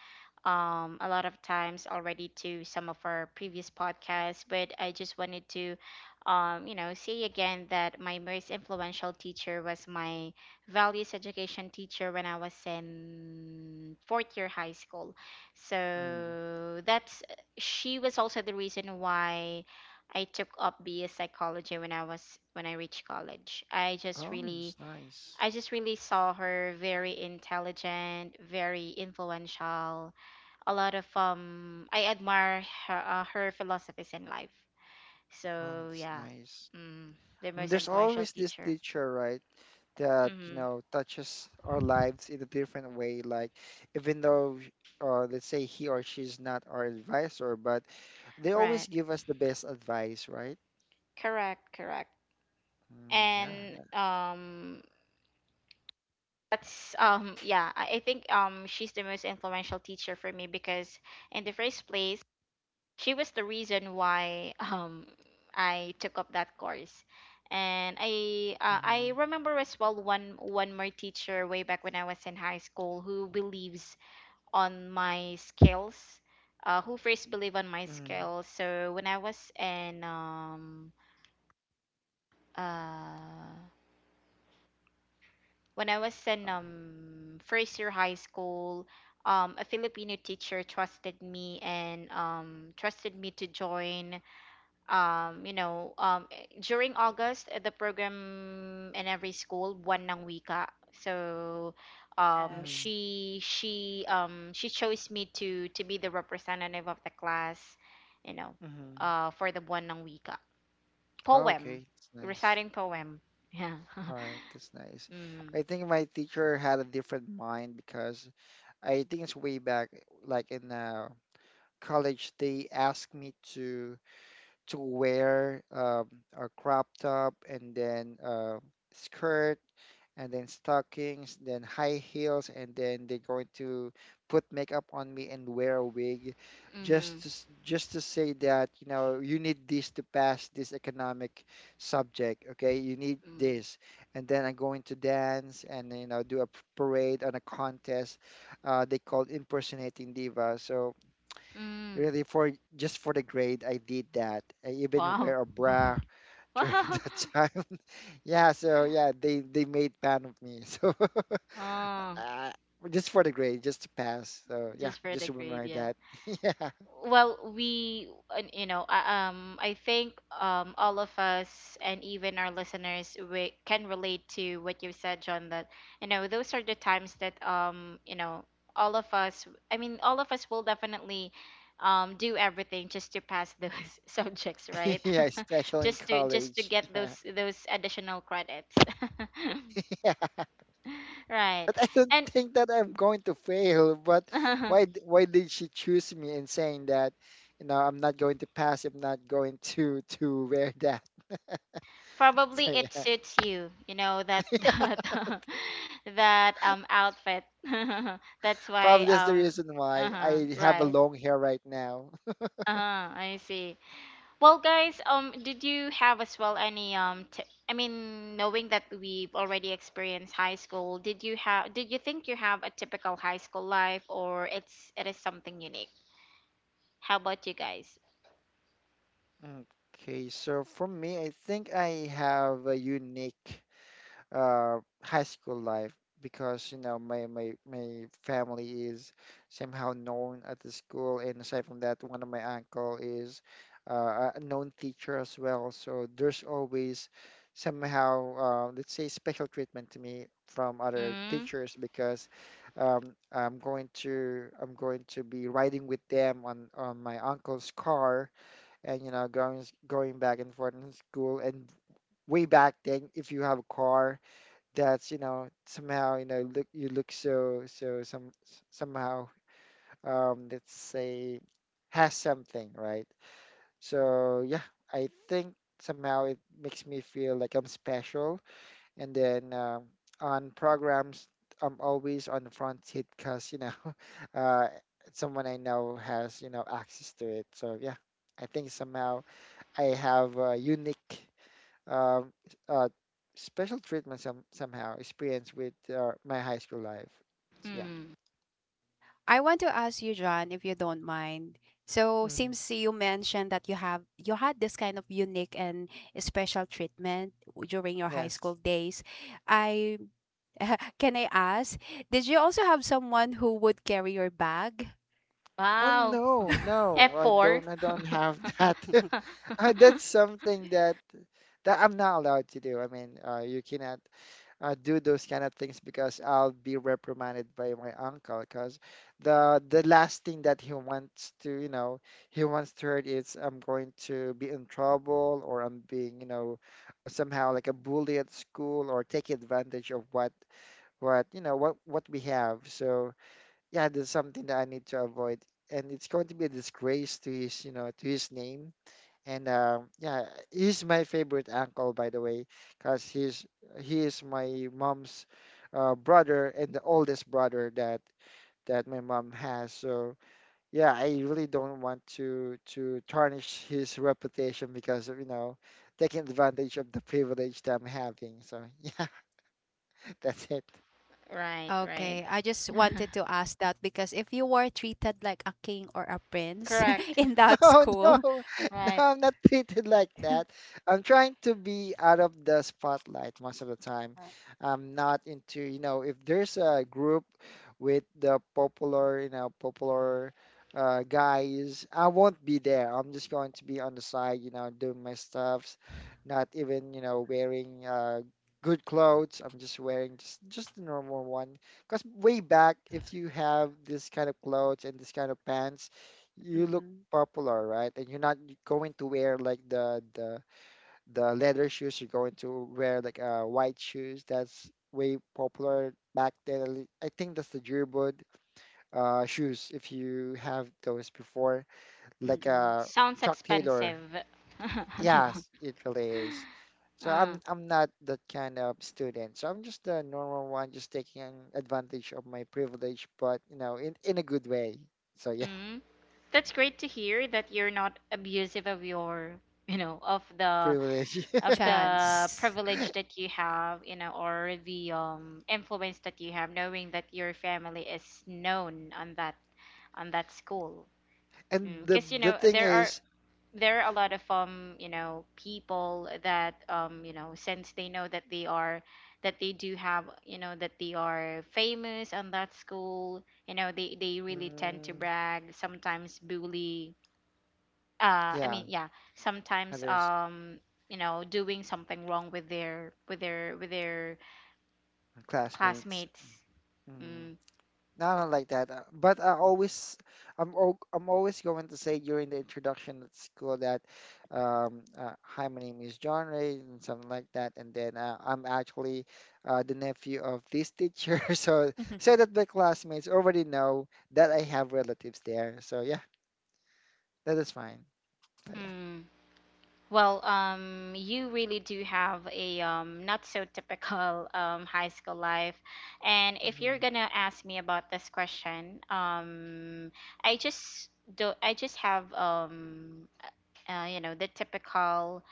Speaker 1: a lot of times already to some of our previous podcasts, but I just wanted to, you know, say again that my most influential teacher was my values education teacher when I was in fourth year high school.
Speaker 2: Mm.
Speaker 1: So that's She was also the reason why I took up BS psychology when I reached college.
Speaker 2: Oh, that's nice.
Speaker 1: I just really saw her very intelligent, very influential, a lot of I admire her her philosophies in life.
Speaker 2: Oh,
Speaker 1: So
Speaker 2: that's
Speaker 1: yeah,
Speaker 2: nice.
Speaker 1: mm, the
Speaker 2: Mm,
Speaker 1: most
Speaker 2: there's
Speaker 1: influential
Speaker 2: always this
Speaker 1: teacher.
Speaker 2: teacher, right, that, you
Speaker 1: Mm-hmm.
Speaker 2: know, touches our lives in a different way. Like, even though, let's say he or she's not our advisor, but they always
Speaker 1: Right.
Speaker 2: give us the best advice, right?
Speaker 1: Correct. Correct.
Speaker 2: Mm, yeah.
Speaker 1: And that's yeah, I think she's the most influential teacher for me because in the first place she was the reason why I took up that course. And I
Speaker 2: Mm-hmm.
Speaker 1: remember as well one more teacher way back when I was in high school who believes on my skills, who first believe on my
Speaker 2: Mm-hmm.
Speaker 1: skills. So uh when I was in first year high school, a Filipino teacher trusted me and trusted me to join during August, the program in every school, buwan ng wika. So,
Speaker 2: Mm-hmm.
Speaker 3: Yes.
Speaker 1: she chose me to be the representative of the class, you know,
Speaker 2: Mm-hmm.
Speaker 1: for the buwan ng wika. Poem,
Speaker 2: Okay, that's nice.
Speaker 1: reciting poem. Yeah.
Speaker 2: All right, that's nice.
Speaker 1: Mm.
Speaker 2: I think my teacher had a different mind because I think it's way back, like in college, they asked me to— to wear a crop top and then skirt and then stockings, then high heels, and then they're going to put makeup on me and wear a wig,
Speaker 1: Mm.
Speaker 2: just to— just to say that, you know, you need this to pass this economic subject. Okay, you need
Speaker 1: Mm.
Speaker 2: this, and then I'm going to dance, and, you know, do a parade on a contest. They called impersonating diva. So
Speaker 1: Mm.
Speaker 2: really, for— just for the grade, I did that. I even
Speaker 1: Wow.
Speaker 2: wear a bra during
Speaker 1: Wow.
Speaker 2: that time. Yeah, so yeah, they made fun of me. So
Speaker 1: Oh,
Speaker 2: uh, just for the grade, just to pass. So yeah,
Speaker 1: just for the
Speaker 2: just
Speaker 1: grade,
Speaker 2: remember
Speaker 1: yeah.
Speaker 2: that. Yeah,
Speaker 1: Well, we you know I think all of us and even our listeners, we can relate to what you said, John, that those are the times that all of us, I mean, all of us will definitely do everything just to pass those subjects, right?
Speaker 2: yeah, especially in
Speaker 1: Just to
Speaker 2: college.
Speaker 1: get
Speaker 2: Yeah.
Speaker 1: those additional credits.
Speaker 2: Yeah,
Speaker 1: Right.
Speaker 2: but I don't
Speaker 1: And
Speaker 2: think that I'm going to fail. But why did she choose me in saying that, you know, I'm not going to pass, I'm not going to— to wear that. So
Speaker 1: probably it
Speaker 2: yeah.
Speaker 1: suits you, that that that outfit. That's why
Speaker 2: Probably that's the reason why
Speaker 1: Uh-huh,
Speaker 2: I have a
Speaker 1: right.
Speaker 2: long hair right now.
Speaker 1: Uh-huh, I see. Well, guys, did you have as well any t I mean, knowing that we've already experienced high school, did you think you have a typical high school life, or it is something unique? How about you guys?
Speaker 2: Okay, so for me, I think I have a unique— high school life, because, you know, my family is somehow known at the school, and aside from that, one of my uncle is a known teacher as well. So there's always somehow, let's say, special treatment to me from other
Speaker 1: Mm.
Speaker 2: teachers, because, I'm going to be riding with them on— on my uncle's car, and, you know, going back and forth in school. And way back then, if you have a car, that's, you know, somehow, you know, look— you look so— somehow, let's say, has something, right? So yeah, I think somehow it makes me feel like I'm special. And then, on programs, I'm always on the front seat, because, you know, uh, someone I know has, you know, access to it. So yeah, I think somehow I have a unique, um, uh, special treatment— somehow experience with my high school life. So yeah.
Speaker 1: Hmm.
Speaker 3: I want to ask you, John, if you don't mind. So,
Speaker 2: Mm,
Speaker 3: since you mentioned that you have you had this kind of unique and special treatment during your high school
Speaker 2: yes.
Speaker 3: days, I can I ask, did you also have someone who would carry your bag?
Speaker 2: Oh
Speaker 1: Wow.
Speaker 2: no, no, I
Speaker 1: F4.
Speaker 2: don't. I don't have that. That's something that— that I'm not allowed to do. I mean, you cannot do those kind of things, because I'll be reprimanded by my uncle, because the last thing that he wants to, you know, he wants to hear is I'm going to be in trouble, or I'm being, you know, somehow like a bully at school, or take advantage of what you know what we have. So yeah, that's something that I need to avoid, and it's going to be a disgrace to his, you know, to his name. And, yeah, he's my favorite uncle, by the way, because he's— he is my mom's brother, and the oldest brother that— that my mom has. So yeah, I really don't want to— to tarnish his reputation because of, you know, taking advantage of the privilege that I'm having. So yeah, that's it.
Speaker 1: Right, right.
Speaker 3: Okay, I just wanted to ask that because if you were treated like a king or a prince
Speaker 1: Correct.
Speaker 3: in that
Speaker 2: No,
Speaker 3: school,
Speaker 2: no, no,
Speaker 1: Right.
Speaker 2: I'm not treated like that. I'm trying to be out of the spotlight most of the time. I'm not into, you know, if there's a group with the popular, you know, popular guys, I won't be there. I'm just going to be on the side, you know, doing my stuffs, not even, you know, wearing good clothes. I'm just wearing just the normal one. Because way back, if you have this kind of clothes and this kind of pants, you look
Speaker 3: mm-mm.
Speaker 2: popular, right? And you're not going to wear like the leather shoes. You're going to wear like white shoes. That's way popular back then. I think that's the Deerwood shoes. If you have those before, like,
Speaker 3: Mm-mm.
Speaker 1: Sounds
Speaker 2: Chuck Taylor.
Speaker 1: expensive.
Speaker 2: Yes, it really is. So I'm
Speaker 1: Uh,
Speaker 2: I'm not that kind of student. So I'm just a normal one, just taking advantage of my privilege, but, you know, in— in a good way. So yeah,
Speaker 1: mm. That's great to hear that you're not abusive of your, you know, of the
Speaker 2: privilege.
Speaker 1: of the
Speaker 3: Chance.
Speaker 1: privilege that you have, or the influence that you have, knowing that your family is known on that, on that school.
Speaker 2: And the
Speaker 1: Because
Speaker 2: the thing is,
Speaker 1: there are a lot of people that since they know that they are that they do have, that they are famous on that school, they really tend to
Speaker 2: mm,
Speaker 1: brag, sometimes bully, I
Speaker 2: yeah,
Speaker 1: mean, yeah, sometimes
Speaker 2: others—
Speaker 1: doing something wrong with their, with their
Speaker 2: classmates.
Speaker 1: classmates.
Speaker 2: Mm.
Speaker 1: Mm,
Speaker 2: No, I don't like that. But I always— I'm always going to say during the introduction at school that, hi, my name is John Ray and something like that. And then I'm actually the nephew of this teacher, so— so that my classmates already know that I have relatives there. So yeah, that is fine. So yeah.
Speaker 1: mm. Well, you really do have a not so typical high school life. And if you're
Speaker 2: Mm-hmm.
Speaker 1: gonna ask me about this question, I just do. I just have the typical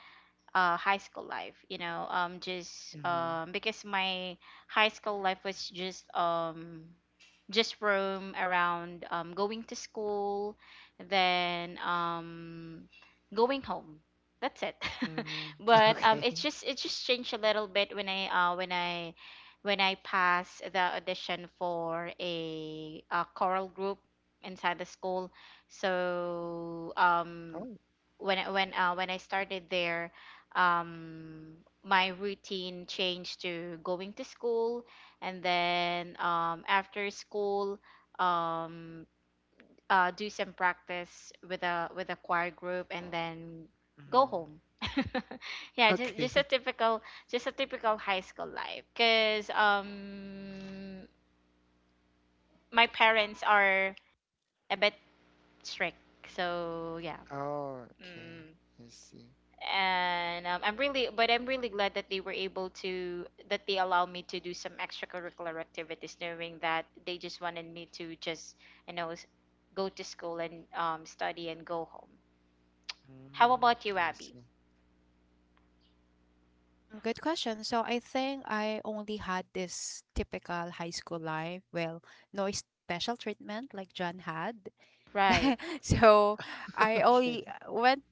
Speaker 1: high school life. You know, just
Speaker 2: Mm-hmm.
Speaker 1: because my high school life was just roam around, going to school, then going home, that's it.
Speaker 2: Mm-hmm.
Speaker 1: But
Speaker 2: Okay.
Speaker 1: it's just it just changed a little bit when I when I when I passed the audition for a choral group inside the school. So
Speaker 2: Oh.
Speaker 1: when I started there, um, my routine changed to going to school, and then after school, um, do some practice with a choir group, and then go
Speaker 2: Mm-hmm.
Speaker 1: home. Yeah,
Speaker 2: Okay.
Speaker 1: just a typical high school life. Cause my parents are a bit strict, so yeah.
Speaker 2: Oh, okay.
Speaker 1: Mm.
Speaker 2: I see.
Speaker 1: And I'm really but I'm really glad that they were able to that they allow me to do some extracurricular activities, knowing that they just wanted me to just you know s- go to school and study and go home. How
Speaker 2: Mm,
Speaker 1: about you,
Speaker 2: I
Speaker 1: Abby?
Speaker 2: see.
Speaker 3: Mm, good question. So I think I only had this typical high school life. Well, no special treatment like John had.
Speaker 1: Right.
Speaker 3: So I
Speaker 2: Okay.
Speaker 3: only went.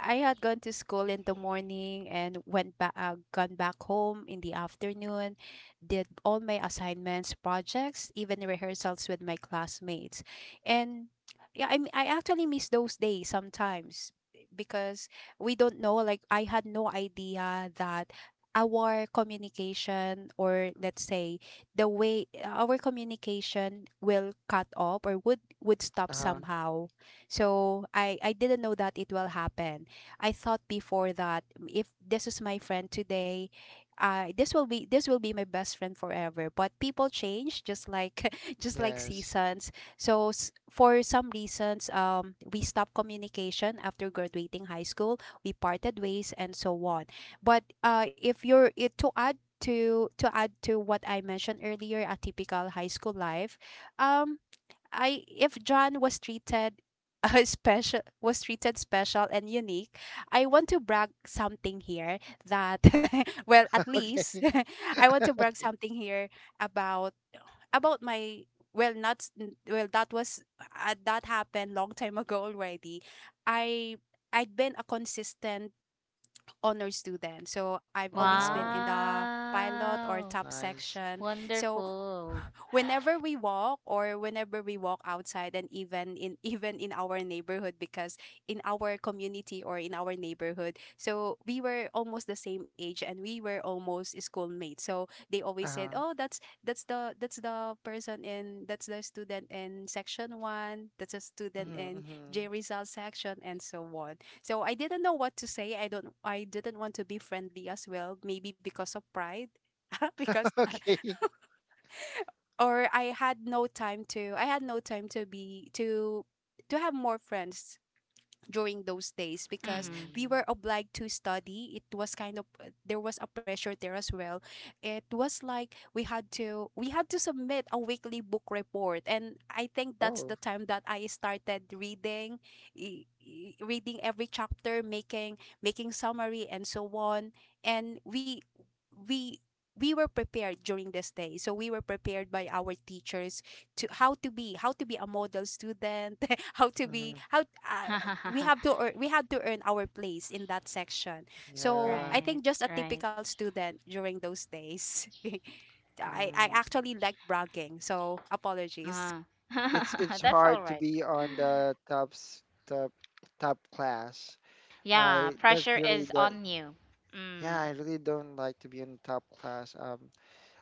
Speaker 3: I had gone to school in the morning and went back, gone back home in the afternoon, did all my assignments, projects, even rehearsals with my classmates. And yeah, I actually miss those days sometimes because we don't know, like, I had no idea that our communication, or let's say the way our communication will cut off, or would stop
Speaker 2: Uh-huh.
Speaker 3: somehow. So I didn't know that it will happen. I thought before that if this is my friend today, this will be my best friend forever. But people change, just like just like
Speaker 2: Yes.
Speaker 3: seasons. So for some reasons, we stopped communication after graduating high school. We parted ways and so on. But if you're it to add to what I mentioned earlier, a typical high school life, um, I, if John was treated special was treated special and unique, I want to brag something here that well, at least
Speaker 2: Okay.
Speaker 3: I want to brag something here about my, well, not s- n- well, that was that happened long time ago already. I I'd been a consistent honor student. So I've always been in
Speaker 2: Wow.
Speaker 3: the pilot or
Speaker 1: Wow.
Speaker 3: top
Speaker 2: Nice.
Speaker 3: section. So
Speaker 1: Wonderful.
Speaker 3: whenever we walk outside, and even in even in our neighborhood, because in our community or in our neighborhood, so we were almost the same age and we were almost schoolmates, so they always said,
Speaker 2: Uh-huh.
Speaker 3: oh, that's the person in that's the student in section 1, that's a student
Speaker 2: Mm-hmm.
Speaker 3: in
Speaker 2: Mm-hmm.
Speaker 3: J result section and so on. So I didn't know what to say. I didn't want to be friendly as well, maybe because of pride. because
Speaker 2: Okay.
Speaker 3: or I had no time to I had no time to be to have more friends during those days because
Speaker 1: Mm-hmm.
Speaker 3: we
Speaker 2: Mm.
Speaker 3: were obliged to study. It was kind of there was a pressure there as well. It was like we had to submit a weekly book report, and I think that's the
Speaker 2: Oh.
Speaker 3: time that I started reading, reading every chapter, making making summary and so on. And we we were prepared during this day, so we were prepared by our teachers to how to be a model student. How to be
Speaker 2: Mm-hmm.
Speaker 3: how we have to earn, we had to earn our place in that section. So
Speaker 2: Yeah.
Speaker 3: I
Speaker 1: Right.
Speaker 3: think just a
Speaker 1: Right.
Speaker 3: typical student during those days. I
Speaker 2: Mm.
Speaker 3: actually like bragging, so apologies.
Speaker 1: Uh,
Speaker 2: It's— it's
Speaker 1: that's all
Speaker 2: hard to
Speaker 1: right.
Speaker 2: be on the top top class.
Speaker 1: Yeah,
Speaker 2: I— that's
Speaker 1: pressure
Speaker 2: really
Speaker 1: is
Speaker 2: that.
Speaker 1: on you.
Speaker 2: Yeah,
Speaker 1: Mm.
Speaker 2: I really don't like to be in top class.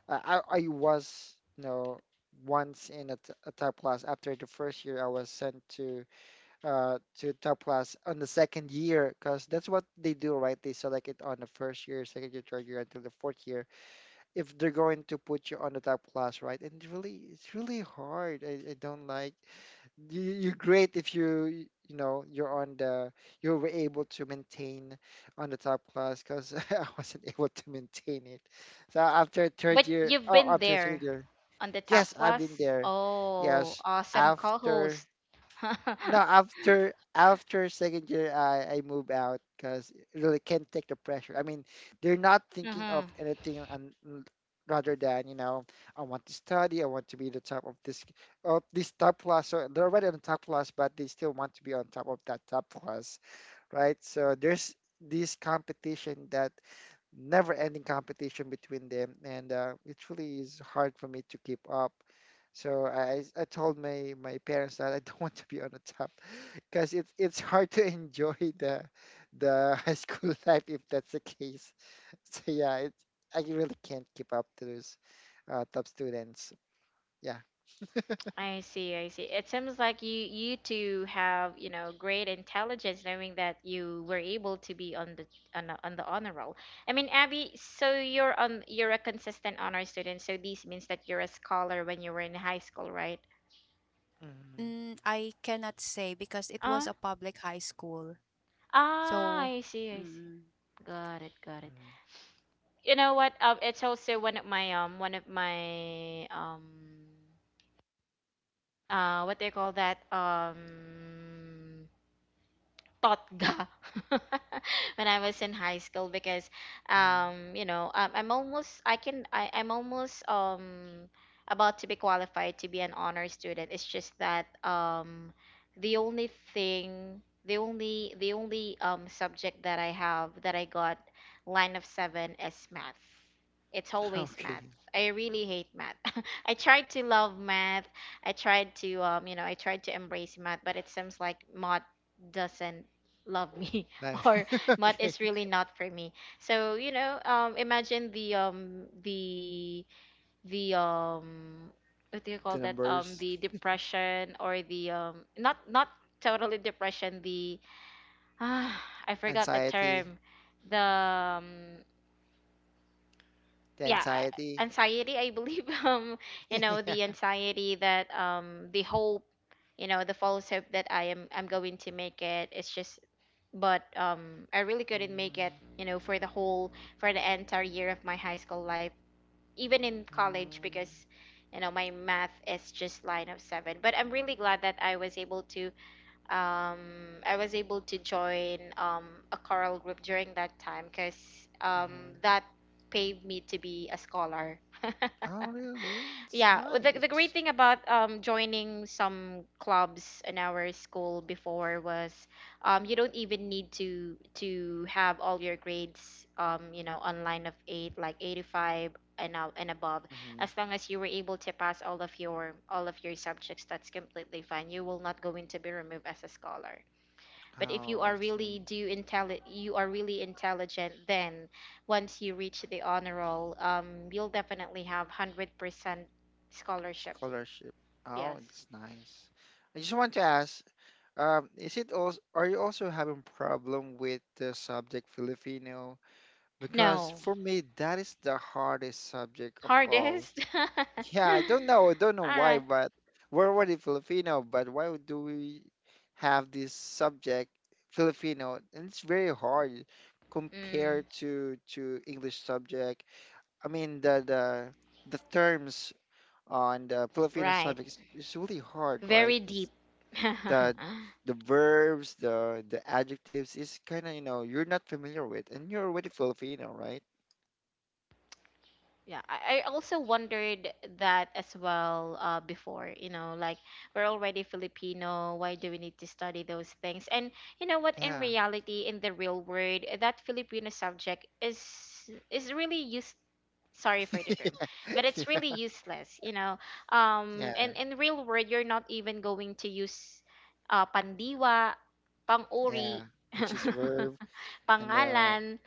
Speaker 2: I was, you know, once in a— t a top class. After the first year, I was sent to— to top class on the second year, because that's what they do, right? They select it on the first year, second year, third year, until the fourth year. If they're going to put you on the top class, right? And it's really— it's really hard. I don't like you're great if you you know you're on the you were able to maintain on the top class because I wasn't able to maintain it. So after third
Speaker 1: But
Speaker 2: year,
Speaker 1: you've been
Speaker 2: after second
Speaker 1: there
Speaker 2: year,
Speaker 1: on the
Speaker 2: yes,
Speaker 1: top
Speaker 2: I've been
Speaker 1: class.
Speaker 2: there.
Speaker 1: Oh,
Speaker 2: Yes,
Speaker 1: awesome
Speaker 2: after
Speaker 1: co-host.
Speaker 2: no, after after second year, I move out because really can't take the pressure. I mean, they're not thinking of
Speaker 1: Mm-hmm.
Speaker 2: anything and rather than you know, I want to study, I want to be the top of this top class. So they're already on the top class, but they still want to be on top of that top class, right? So there's this competition that never ending competition between them and it really is hard for me to keep up so I told my parents that I don't want to be on the top because it's hard to enjoy the high school life if that's the case. So yeah, I really can't keep up to those top students. Yeah.
Speaker 1: I see, I see. It seems like you two have, great intelligence, knowing that you were able to be on the, on the honor roll. I mean, Abby, so you're a consistent honor student, so this means that you're a scholar when you were in high school, right?
Speaker 2: Mhm,
Speaker 3: Mm, I cannot say because it
Speaker 1: Uh,
Speaker 3: was a public high school. So,
Speaker 1: I see, I see.
Speaker 3: mm.
Speaker 1: Got it, got it.
Speaker 2: mhm,
Speaker 1: You know what? It's also one of my one of my, what they call that, totga, when I was in high school, because
Speaker 2: mhm.
Speaker 1: I'm almost about to be qualified to be an honor student. It's just that the only thing, the only subject that I have that I got line of 7 is math. It's always math.
Speaker 2: Okay.
Speaker 1: I really hate math. I tried to love math. I tried to embrace math, but it seems like math doesn't love me.
Speaker 2: Like,
Speaker 1: Or math
Speaker 2: okay.
Speaker 1: is really not for me. So imagine the, the, what do you call
Speaker 2: The
Speaker 1: that,
Speaker 2: numbers,
Speaker 1: the depression, or the, not totally depression, the, ah, I forgot the
Speaker 2: anxiety,
Speaker 1: term, the,
Speaker 2: the
Speaker 1: yeah,
Speaker 2: anxiety.
Speaker 1: anxiety, I believe. You know,
Speaker 2: Yeah.
Speaker 1: the anxiety that, the hope, the false hope that I'm going to make it. It's just, but I really couldn't make it, you know, for the entire year of my high school life, even in college,
Speaker 2: Mm-hmm.
Speaker 1: because my math is just line of 7. But I'm really glad that I was able to join a choral group during that time, cuz
Speaker 2: Mm-hmm.
Speaker 1: that paved me to be a scholar.
Speaker 2: Oh, really? It's
Speaker 1: Yeah, the great
Speaker 2: nice.
Speaker 1: thing about joining some clubs in our school before was you don't even need to have all your grades online of 8, like 85 and out and above,
Speaker 2: Mm-hmm.
Speaker 1: as long as you were able to pass all of your subjects, that's completely fine, you will not going to be removed as a scholar. But if
Speaker 2: Oh, I see.
Speaker 1: you are really intelligent, then once you reach the honor roll, you'll definitely have 100% scholarship.
Speaker 2: Scholarship. Oh,
Speaker 1: Yes.
Speaker 2: it's nice. I just want to ask, is it also, are you also having problem with the subject Filipino? Because
Speaker 1: No.
Speaker 2: for me, that is the hardest subject of all.
Speaker 1: Hardest.
Speaker 2: Yeah, I don't know. I don't know
Speaker 1: All
Speaker 2: why,
Speaker 1: right.
Speaker 2: but we're already Filipino, but why would- do we have this subject Filipino? And it's very hard
Speaker 1: Mm,
Speaker 2: compared to English subject. I mean the terms on the Filipino
Speaker 1: right.
Speaker 2: subject is really hard, right?
Speaker 1: Very
Speaker 2: It's
Speaker 1: deep.
Speaker 2: the the verbs, the adjectives is kind of, you know, you're not familiar with and you're already Filipino, right?
Speaker 1: Yeah, I also wondered that as well, before. You know, like, we're already Filipino. Why do we need to study those things? And you know what? In
Speaker 2: Yeah.
Speaker 1: reality, in the real world, that Filipino subject is really use. Sorry for the term, but it's really
Speaker 2: Yeah.
Speaker 1: useless. You know, and
Speaker 2: Yeah.
Speaker 1: in real world, you're not even going to use pandiwa, panguri,
Speaker 2: Yeah. Which is verb and
Speaker 1: pangalan,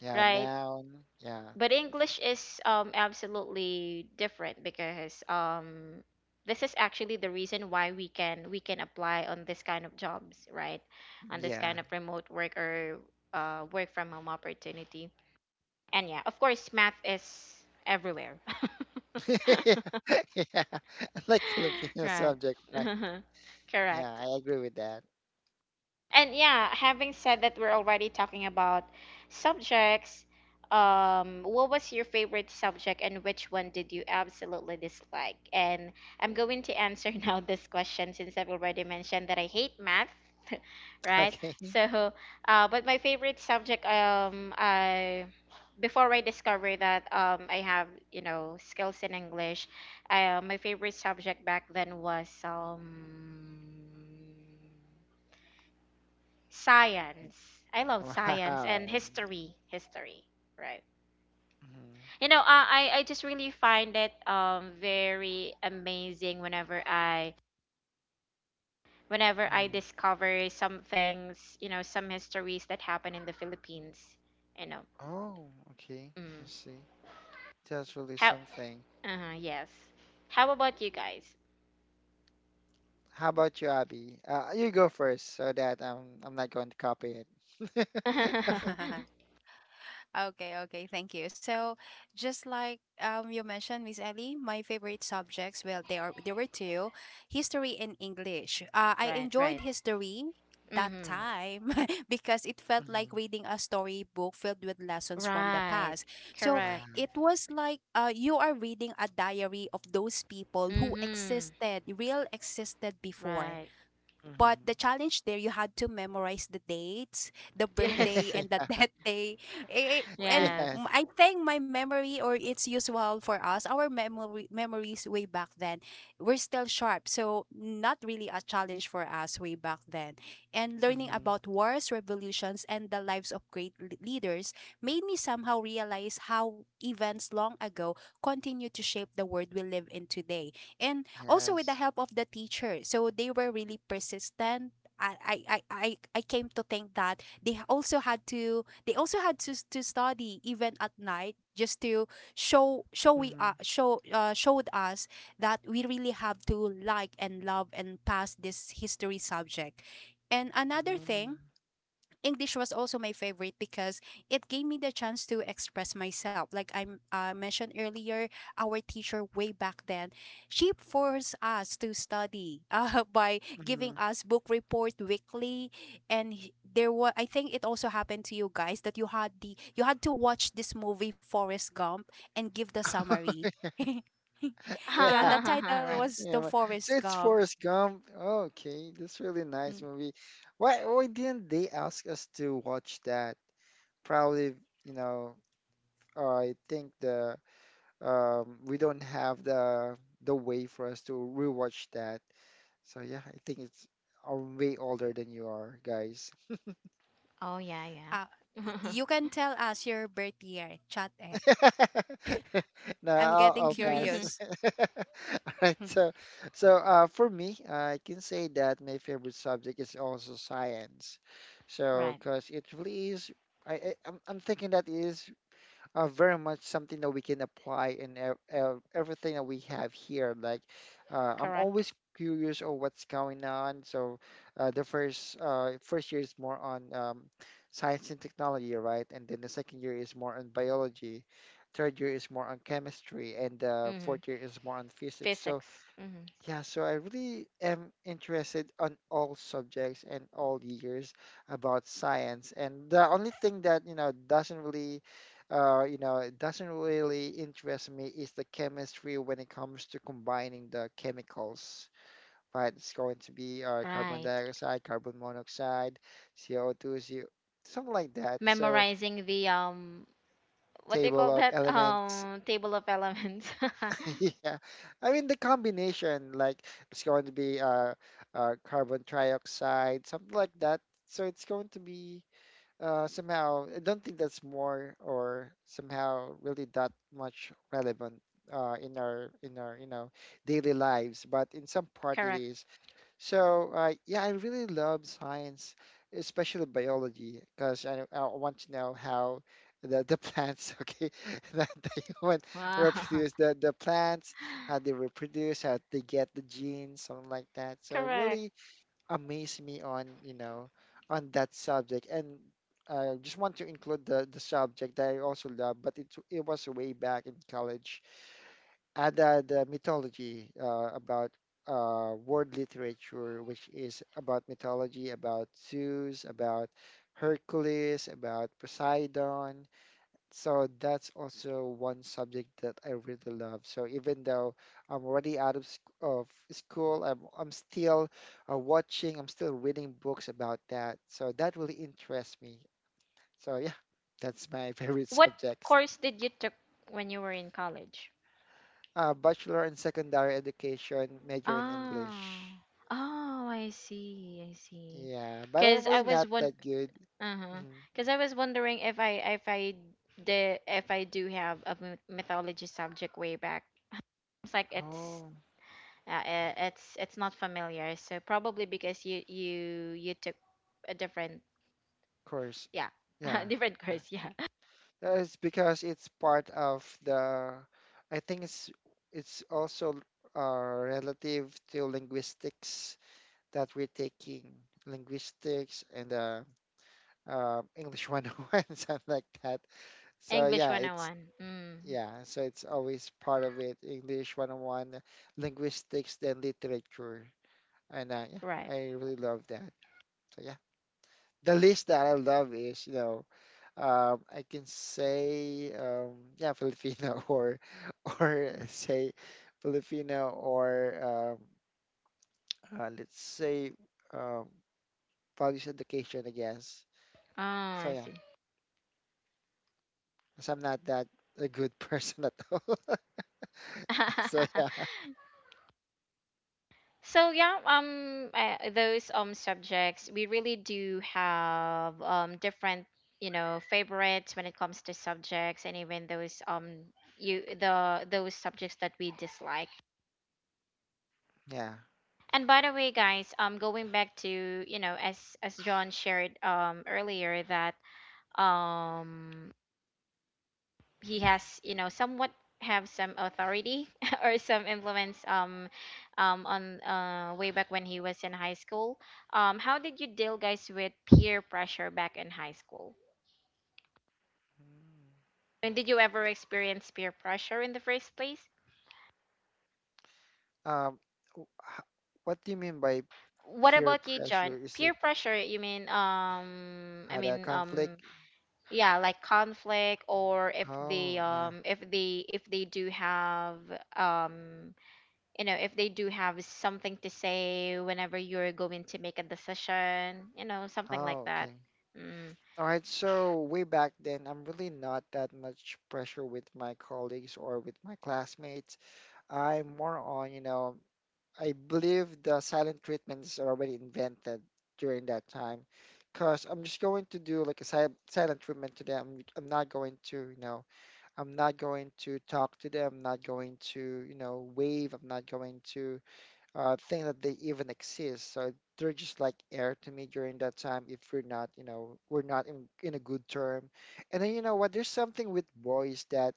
Speaker 2: yeah,
Speaker 1: right?
Speaker 2: noun. Yeah.
Speaker 1: But English is absolutely different, because this is actually the reason why we can apply on this kind of jobs, right? On this
Speaker 2: Yeah.
Speaker 1: kind of remote work, or work from home opportunity. And yeah, of course, math is everywhere.
Speaker 2: Yeah. Like Filipino
Speaker 1: Right.
Speaker 2: subject, right? Yeah,
Speaker 1: Correct.
Speaker 2: I agree with that.
Speaker 1: And yeah, having said that, we're already talking about subjects. What was your favorite subject, and which one did you absolutely dislike? And I'm going to answer now this question, since I've already mentioned that I hate math, right?
Speaker 2: Okay.
Speaker 1: So, but my favorite subject, I before I discovered that, I have, you know, skills in English, my favorite subject back then was science. I love science and
Speaker 2: Wow.
Speaker 1: history. History, right?
Speaker 2: Mm-hmm.
Speaker 1: You know, I just really find it very amazing whenever I
Speaker 2: Mm-hmm.
Speaker 1: discover some things, you know, some histories that happen in the Philippines. You know.
Speaker 2: Oh, okay. I
Speaker 1: Mm.
Speaker 2: see. That's really
Speaker 1: How?
Speaker 2: something.
Speaker 1: Yes. How about you guys?
Speaker 2: How about you, Abby? You go first so that I'm not going to copy it.
Speaker 1: Right,
Speaker 3: Okay, okay, thank you. So, just like you mentioned, Miss Ellie, my favorite subjects, well, there were two, history and English. I enjoyed
Speaker 1: right.
Speaker 3: history that
Speaker 1: Mm-hmm.
Speaker 3: time because it felt like
Speaker 2: Hmm.
Speaker 3: reading a storybook filled with lessons from the
Speaker 1: Right.
Speaker 3: past. So,
Speaker 1: Correct.
Speaker 2: Yeah.
Speaker 3: it was like you are reading a diary of those people who
Speaker 1: Mm-hmm.
Speaker 3: existed, real existed before.
Speaker 1: Right.
Speaker 3: But
Speaker 2: Hmm.
Speaker 3: the challenge there, you had to memorize the dates, the birthday,
Speaker 1: Yes.
Speaker 3: and the death day.
Speaker 2: Yes.
Speaker 1: Yes.
Speaker 3: I think my memory, or it's usual for us, our memory memories way back then, we're still sharp. So not really a challenge for us way back then. And learning
Speaker 2: Hmm.
Speaker 3: about wars, revolutions, and the lives of great leaders made me somehow realize how events long ago continue to shape the world we live in today. And also with the
Speaker 2: Yes.
Speaker 3: help of the teacher. So they were really persistent. I came to think that they also had to they also had to study even at night just to
Speaker 2: Hmm.
Speaker 3: showed us that we really have to like and love and pass this history subject. And another thing,
Speaker 2: Hmm.
Speaker 3: English was also my favorite because it gave me the chance to express myself. Like I mentioned earlier, our teacher way back then, she forced us to study by giving
Speaker 2: Hmm.
Speaker 3: us book report weekly, and there was, I think it also happened to you guys that you had to watch this movie Forrest Gump and give the summary. Yeah,
Speaker 2: Yeah.
Speaker 3: that title
Speaker 1: Right.
Speaker 3: was
Speaker 2: Yeah,
Speaker 3: the
Speaker 2: wha- so
Speaker 3: Forest
Speaker 2: it's
Speaker 3: Gump.
Speaker 2: Forrest Gump. Oh, okay, that's really nice
Speaker 3: Mm,
Speaker 2: movie. Why didn't they ask us to watch that? Probably, you know, I think the we don't have the way for us to rewatch that. So yeah, I think it's I'm way older than you are, guys.
Speaker 1: Oh yeah, yeah.
Speaker 3: uh, y- you can tell us your birth year, chat it.
Speaker 2: No,
Speaker 3: I'm getting
Speaker 2: I'll pass.
Speaker 3: curious.
Speaker 2: All right. So, so uh, for me, I can say that my favorite subject is also science. So,
Speaker 1: Right.
Speaker 2: because it really is, I'm thinking that is are very much something that we can apply in everything that we have here. Like, I'm
Speaker 1: Correct.
Speaker 2: always curious of what's going on. So, the first year is more on science and technology, right? And then the second year is more on biology. Third year is more on chemistry, and the
Speaker 1: Hmm.
Speaker 2: fourth year is more on physics. So
Speaker 1: Physics. Hmm.
Speaker 2: yeah, so I really am interested on all subjects and all years about science. And the only thing that, you know, doesn't really, you know, it doesn't really interest me is the chemistry when it comes to combining the chemicals. Right, it's going to be carbon
Speaker 1: Right.
Speaker 2: dioxide, carbon monoxide, CO2, CO, something like that. So
Speaker 1: Memorizing the what they
Speaker 2: table
Speaker 1: call
Speaker 2: of
Speaker 1: that
Speaker 2: elements.
Speaker 1: table of elements.
Speaker 2: Yeah, I mean the combination, like it's going to be carbon trioxide, something like that. So it's going to be somehow. I don't think that's more or somehow really that much relevant in our you know daily lives, but in some part it
Speaker 1: Correct.
Speaker 2: is. So, yeah, I really love science, especially biology, because I want to know how the plants, okay, that the human
Speaker 1: Wow.
Speaker 2: reproduce, the plants, how they reproduce, how they get the genes, something like that. So, it
Speaker 1: Correct.
Speaker 2: really amazed me on, you know, on that subject. And I just want to include the subject that I also love, but it was way back in college and the mythology about world literature, which is about mythology, about Zeus, about Hercules, about Poseidon. So that's also one subject that I really love. So even though I'm already out of, of school, I'm still watching, I'm still reading books about that. So that really interests me. So yeah, that's my favorite
Speaker 1: What
Speaker 2: subject.
Speaker 1: course did you took when you were in college?
Speaker 2: Bachelor in secondary education, major in English.
Speaker 1: Ah. Oh, I see. I see.
Speaker 2: Yeah, but I'm
Speaker 1: Cuz I
Speaker 2: really
Speaker 1: was
Speaker 2: not
Speaker 1: one
Speaker 2: that good.
Speaker 1: Uh-huh.
Speaker 2: Mhm.
Speaker 1: Because I was wondering if I did, if I do have a mythology subject way back. It's like
Speaker 2: Oh,
Speaker 1: It's not familiar. So probably because you took a different,
Speaker 2: of course.
Speaker 1: yeah,
Speaker 2: Yeah.
Speaker 1: different
Speaker 2: Yeah.
Speaker 1: course, yeah.
Speaker 2: It's because it's part of I think it's also relative to linguistics that we're taking, linguistics and English 101, something like that. So
Speaker 1: English
Speaker 2: yeah, it's
Speaker 1: 101. Mm,
Speaker 2: yeah, so it's always part of it. English 101, linguistics, then literature. And yeah,
Speaker 1: right.
Speaker 2: I really love that. So yeah, the list that I love is, you know, I can say, yeah, Filipino or say Filipino or let's say um, values education, I guess.
Speaker 1: Oh,
Speaker 2: So
Speaker 1: I
Speaker 2: yeah,
Speaker 1: see.
Speaker 2: because I'm not that a good person at all. So yeah,
Speaker 1: So yeah, those subjects, we really do have different, you know, favorites when it comes to subjects, and even those you the those subjects that we dislike. And by the way, guys, going back to as John shared earlier that um he has somewhat have some authority or some influence on way back when he was in high school. How did you deal, guys, with peer pressure back in high school?
Speaker 2: yeah.
Speaker 1: And did you ever experience peer pressure in the first place?
Speaker 2: Um, w- h- what do you mean by
Speaker 1: What
Speaker 2: peer
Speaker 1: about you, John?
Speaker 2: pressure? Is
Speaker 1: Peer
Speaker 2: it
Speaker 1: pressure, you mean? um i
Speaker 2: had a
Speaker 1: mean um
Speaker 2: conflict?
Speaker 1: yeah, like conflict or if
Speaker 2: Oh,
Speaker 1: they
Speaker 2: yeah.
Speaker 1: if they do have um if they do have something to say whenever you're going to make a decision, you know, something like
Speaker 2: Oh,
Speaker 1: that.
Speaker 2: okay.
Speaker 1: mm,
Speaker 2: All right. So way back then, I'm really not that much pressure with my colleagues or with my classmates. I'm more on, you know, I believe the silent treatment is already invented during that time, because I'm just going to do like a silent treatment to them. I'm not going to, you know, I'm not going to talk to them. I'm not going to, you know, wave. I'm not going to think that they even exist. So they're just like air to me during that time if we're not, you know, we're not in, in a good term. And then, you know what? There's something with boys that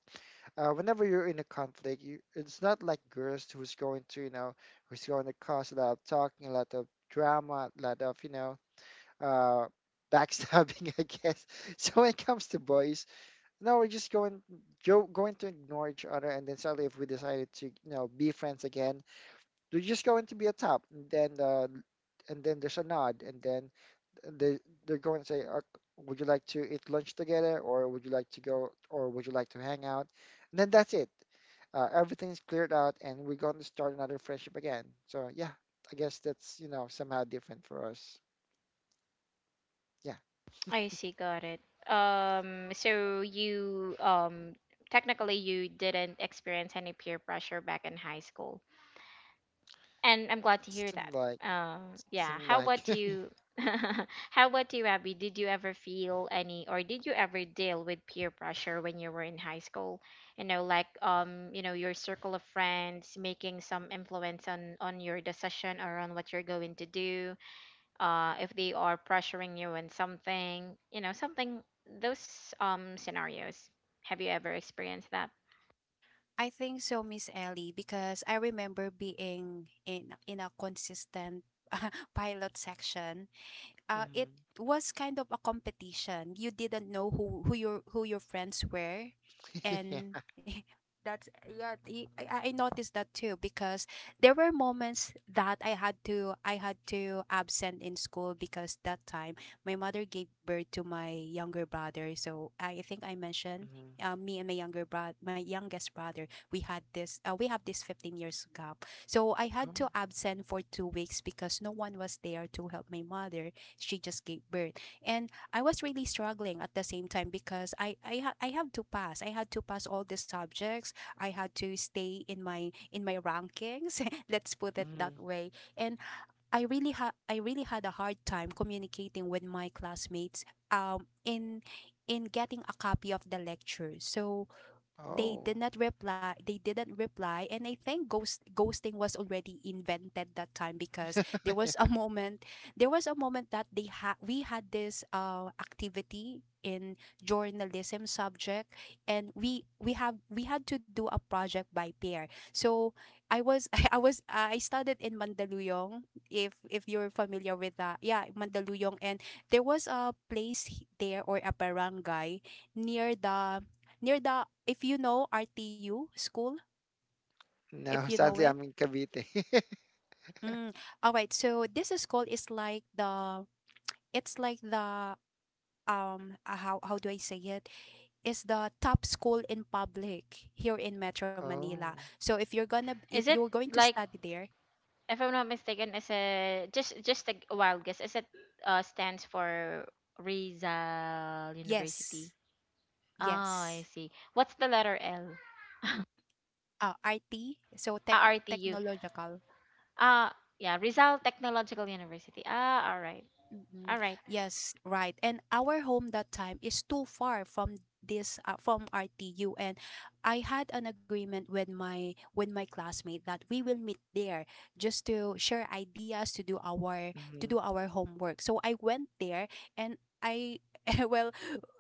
Speaker 2: whenever you're in a conflict, you, it's not like girls who's going to, you know, who's going to cause a lot of talking, a lot of drama, a lot of, you know, uh, backstabbing, I guess. So when it comes to boys, no, we're just going going to ignore each other, and then suddenly, if we decided to, you know, be friends again, we're just going to be a top, and then and then there's a nod, and then they they're going to say, "Would you like to eat lunch together, or would you like to go, or would you like to hang out?" And then that's it. Everything's cleared out, and we're going to start another friendship again. So yeah, I guess that's you know somehow different for us. Yeah,
Speaker 1: I see, got it. So you technically you didn't experience any peer pressure back in high school. And I'm glad to hear
Speaker 2: some
Speaker 1: that.
Speaker 2: like
Speaker 1: Um, yeah.
Speaker 2: some
Speaker 1: How
Speaker 2: like.
Speaker 1: about you? How about you, Abby? Did you ever feel any, or did you ever deal with peer pressure when you were in high school? You know, like your circle of friends making some influence on your decision or on what you're going to do. If they are pressuring you on something, you know, something, those scenarios. Have you ever experienced that?
Speaker 3: I think so, Miss Ellie, because I remember being in a consistent pilot section. It
Speaker 2: Mhm.
Speaker 3: was kind of a competition. You didn't know who your friends were,
Speaker 2: Yeah.
Speaker 3: and that's yeah. I noticed that too because there were moments that I had to absent in school because that time my mother gave birth to my younger brother. So I think I mentioned. Me and my younger brother, my youngest brother, we had this. We have this 15 years gap. So I had
Speaker 2: Mm-hmm.
Speaker 3: to absent for 2 weeks because no one was there to help my mother, she just gave birth. And I was really struggling at the same time because I have to pass, I had to pass all the subjects. I had to stay in my rankings, let's put it that way. And I really had a hard time communicating with my classmates, um in in getting a copy of the lecture. So they did
Speaker 2: Oh.
Speaker 3: not reply, they didn't reply. And I think ghosting was already invented that time, because there was a moment there was a moment that they had we had this activity in journalism subject, and we had to do a project by pair. So I was I studied in Mandaluyong, if you're familiar with that, yeah, Mandaluyong. And there was a place there, or a barangay near the if you know RTU school, if
Speaker 2: No,
Speaker 3: you know
Speaker 2: sadly,
Speaker 3: it.
Speaker 2: I'm in Cavite.
Speaker 3: Mm. All right. So this school is like the it's like the how do I say it? It's the top school in public here in Metro Manila.
Speaker 2: Oh.
Speaker 3: So if you're gonna if
Speaker 1: Is
Speaker 3: you're
Speaker 1: it
Speaker 3: going to
Speaker 1: like,
Speaker 3: study there,
Speaker 1: if I'm not mistaken, is a just a wild guess. Is it stands for Rizal University?
Speaker 3: yes.
Speaker 1: Oh, I
Speaker 3: Yes.
Speaker 1: see. What's the letter L?
Speaker 3: RT, so tech
Speaker 1: Ah, RTU.
Speaker 3: technological.
Speaker 1: Ah, yeah, Rizal Technological University. Ah, all
Speaker 3: Mhm.
Speaker 1: right,
Speaker 3: Yes, right. And our home that time is too far from this from RTU. And I had an agreement with my classmate that we will meet there just to share ideas, to do our
Speaker 2: Mm-hmm.
Speaker 3: homework. So I went there, and I well,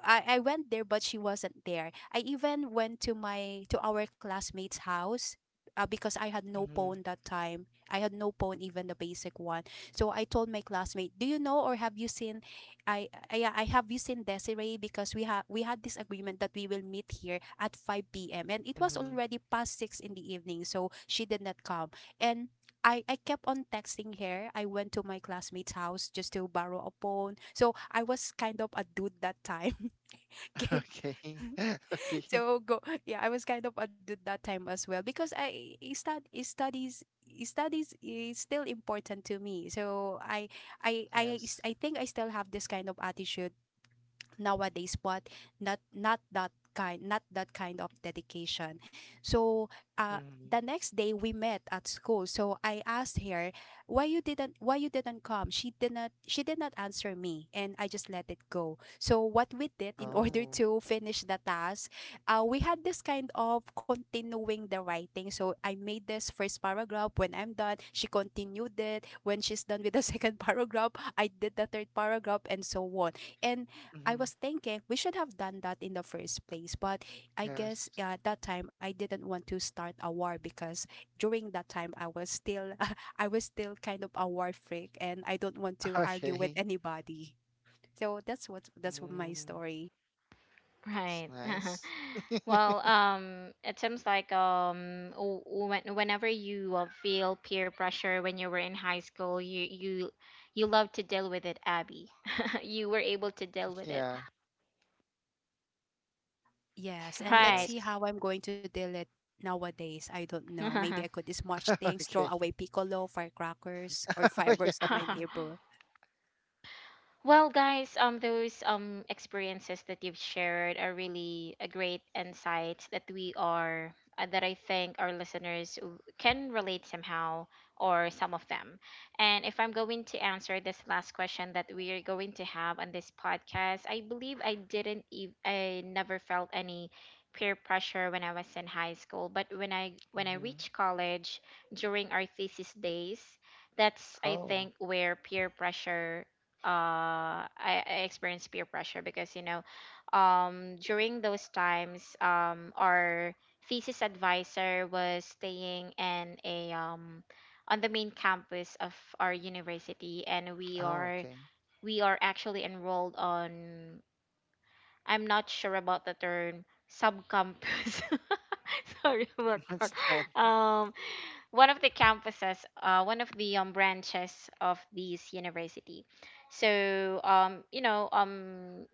Speaker 3: I went there, but she wasn't there. I even went to my to our classmate's house, because I had no
Speaker 2: Mm-hmm.
Speaker 3: phone that time. I had no phone, even the basic one. So I told my classmate, "Do you know or have you seen? I, yeah, I have you seen Desiree, because we had this agreement that we will meet here at 5 p.m., and it was
Speaker 2: Mm-hmm.
Speaker 3: already past six in the evening, so she did not come. And." I kept on texting her. I went to my classmate's house just to borrow a phone. So I was kind of a dude that time. Okay.
Speaker 2: Okay. Okay.
Speaker 3: So go, yeah, I was kind of at that time as well, because studies is still important to me, so
Speaker 2: Yes.
Speaker 3: I think I still have this kind of attitude nowadays, but not that kind, of dedication. So uh,
Speaker 2: Mm-hmm.
Speaker 3: the next day we met at school, so I asked her, why you didn't come. She did not answer me, and I just let it go. So what we did in order
Speaker 2: Oh.
Speaker 3: to finish the task, we had this kind of continuing the writing. So I made this first paragraph, when I'm done she continued it, when she's done with the second paragraph I did the third paragraph, and so on. And I
Speaker 2: Mm-hmm.
Speaker 3: was thinking we should have done that in the first place, but I guess
Speaker 2: Yes.
Speaker 3: at that time I didn't want to start a war, because during that time I was still I was still kind of a war freak, and I don't want to argue with
Speaker 2: Okay.
Speaker 3: anybody. So that's what my
Speaker 2: Mm.
Speaker 3: story.
Speaker 2: It's
Speaker 1: right.
Speaker 2: nice.
Speaker 1: Well, it seems like whenever you feel peer pressure when you were in high school, you you love to deal with it, Abby. You were able to deal with it,
Speaker 2: Yeah.
Speaker 3: Yes, and let's
Speaker 1: right?
Speaker 3: see
Speaker 2: Yes.
Speaker 3: how I'm going to deal it nowadays. I don't know. Maybe I could smash things, throw
Speaker 2: Okay.
Speaker 3: away piccolo, firecrackers, or
Speaker 2: Oh,
Speaker 3: fireworks
Speaker 2: yeah.
Speaker 3: to my
Speaker 1: Haha.
Speaker 3: neighbor.
Speaker 1: Well, guys, those experiences that you've shared are really a great insights that we are that I think our listeners can relate somehow or some of them. And if I'm going to answer this last question that we are going to have on this podcast, I believe I didn't ev- I never felt any peer pressure when I was in high school, but when I
Speaker 2: Mm-hmm.
Speaker 1: reached college during our thesis days, that's, I
Speaker 2: Oh.
Speaker 1: think, where peer pressure I experienced peer pressure because, you know, during those times our thesis advisor was staying in a on the main campus of our university, and we
Speaker 2: Oh,
Speaker 1: are
Speaker 2: okay.
Speaker 1: we are actually enrolled on, I'm not sure about the term, sub campus sorry about that.
Speaker 2: What's that?
Speaker 1: um One of the campuses, one of the branches of this university. So, you know,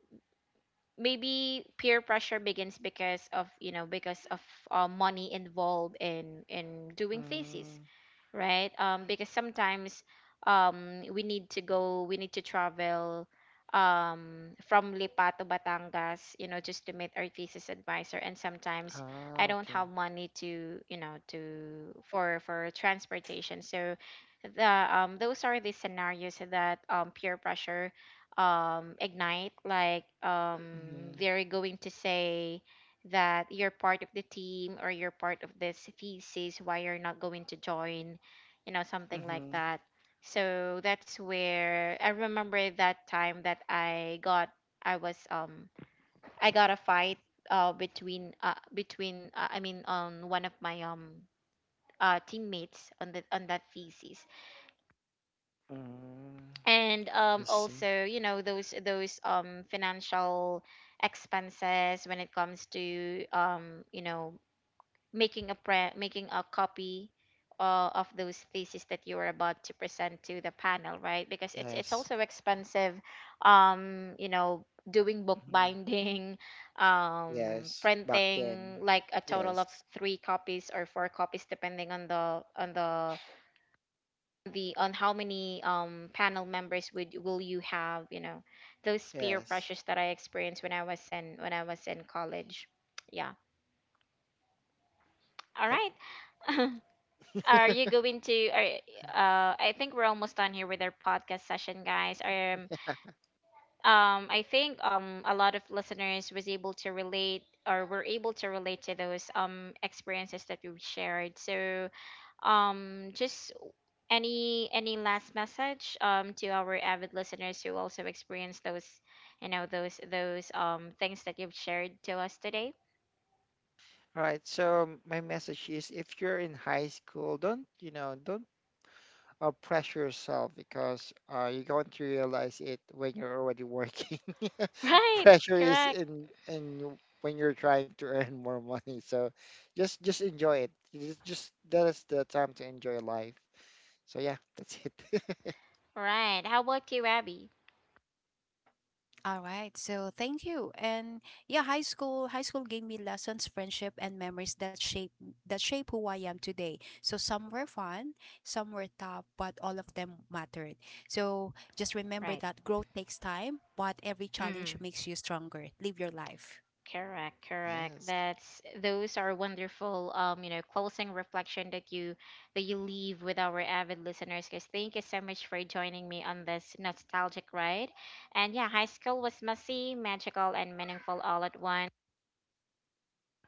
Speaker 1: maybe peer pressure begins because of, you know, because of money involved in doing thesis,
Speaker 2: Mm.
Speaker 1: right? Because sometimes we need to go, we need to travel from Lipa to Batangas, you know, just to meet our thesis advisor. And sometimes I
Speaker 2: Oh,
Speaker 1: don't
Speaker 2: okay.
Speaker 1: have money to, you know, to for transportation. So the those are the scenarios that peer pressure ignite. Like
Speaker 2: Mm-hmm.
Speaker 1: they're going to say that you're part of the team or you're part of this thesis, why you're not going to join, you know, something like
Speaker 2: Mm-hmm.
Speaker 1: that. So that's where I remember that time that I was, I got a fight between between I mean on one of my teammates on the on that thesis.
Speaker 2: Mm.
Speaker 1: And
Speaker 2: I see.
Speaker 1: also, you know, those financial expenses when it comes to, you know, making a copy of those theses that you were about to present to the panel, right? Because it's
Speaker 2: Yes.
Speaker 1: also expensive, you know, doing book
Speaker 2: Mm-hmm.
Speaker 1: binding,
Speaker 2: Yes, back then.
Speaker 1: printing like a total of
Speaker 2: Yes,
Speaker 1: three copies or four copies depending on the on how many panel members would will you have, you know, those peer
Speaker 2: yes.
Speaker 1: pressures that I experienced when I was in college. Yeah, all
Speaker 2: Yep.
Speaker 1: right. Are you going to? Are, I think we're almost done here with our podcast session, guys. I think a lot of listeners was able to relate or were able to relate to those experiences that you shared. So, just any last message to our avid listeners who also experienced those, you know, those things that you've shared to us today.
Speaker 2: All right. So my message is, if you're in high school, don't, you know, don't pressure yourself because you're going to realize it when you're already working.
Speaker 1: Right.
Speaker 2: Pressure is
Speaker 1: Correct.
Speaker 2: in when you're trying to earn more money. So just enjoy it. Just that is the time to enjoy life. So yeah, that's it.
Speaker 1: Right. How about you, Abby?
Speaker 3: All right. So thank you. And yeah, high school gave me lessons, friendship and memories that shape who I am today. So some were fun, some were tough, but all of them mattered. So just
Speaker 1: Right.
Speaker 3: remember that growth takes time, but every challenge
Speaker 1: Mhm.
Speaker 3: makes you stronger. Live your life.
Speaker 1: Correct, correct.
Speaker 2: Yes.
Speaker 1: That's those are wonderful you know, closing reflection that you leave with our avid listeners, guys. Thank you so much for joining me on this nostalgic ride. And yeah, high school was messy, magical and meaningful all at once.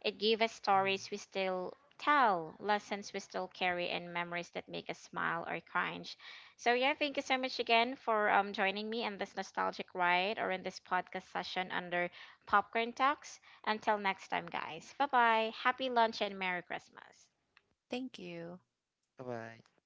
Speaker 1: It gave us stories we still tell, lessons we still carry, and memories that make us smile or cringe. So, yeah, thank you so much again for joining me in this nostalgic ride or in this podcast session under Popcorn Talks. Until next time, guys. Bye bye. Happy lunch and Merry Christmas.
Speaker 3: Thank you.
Speaker 2: Bye bye.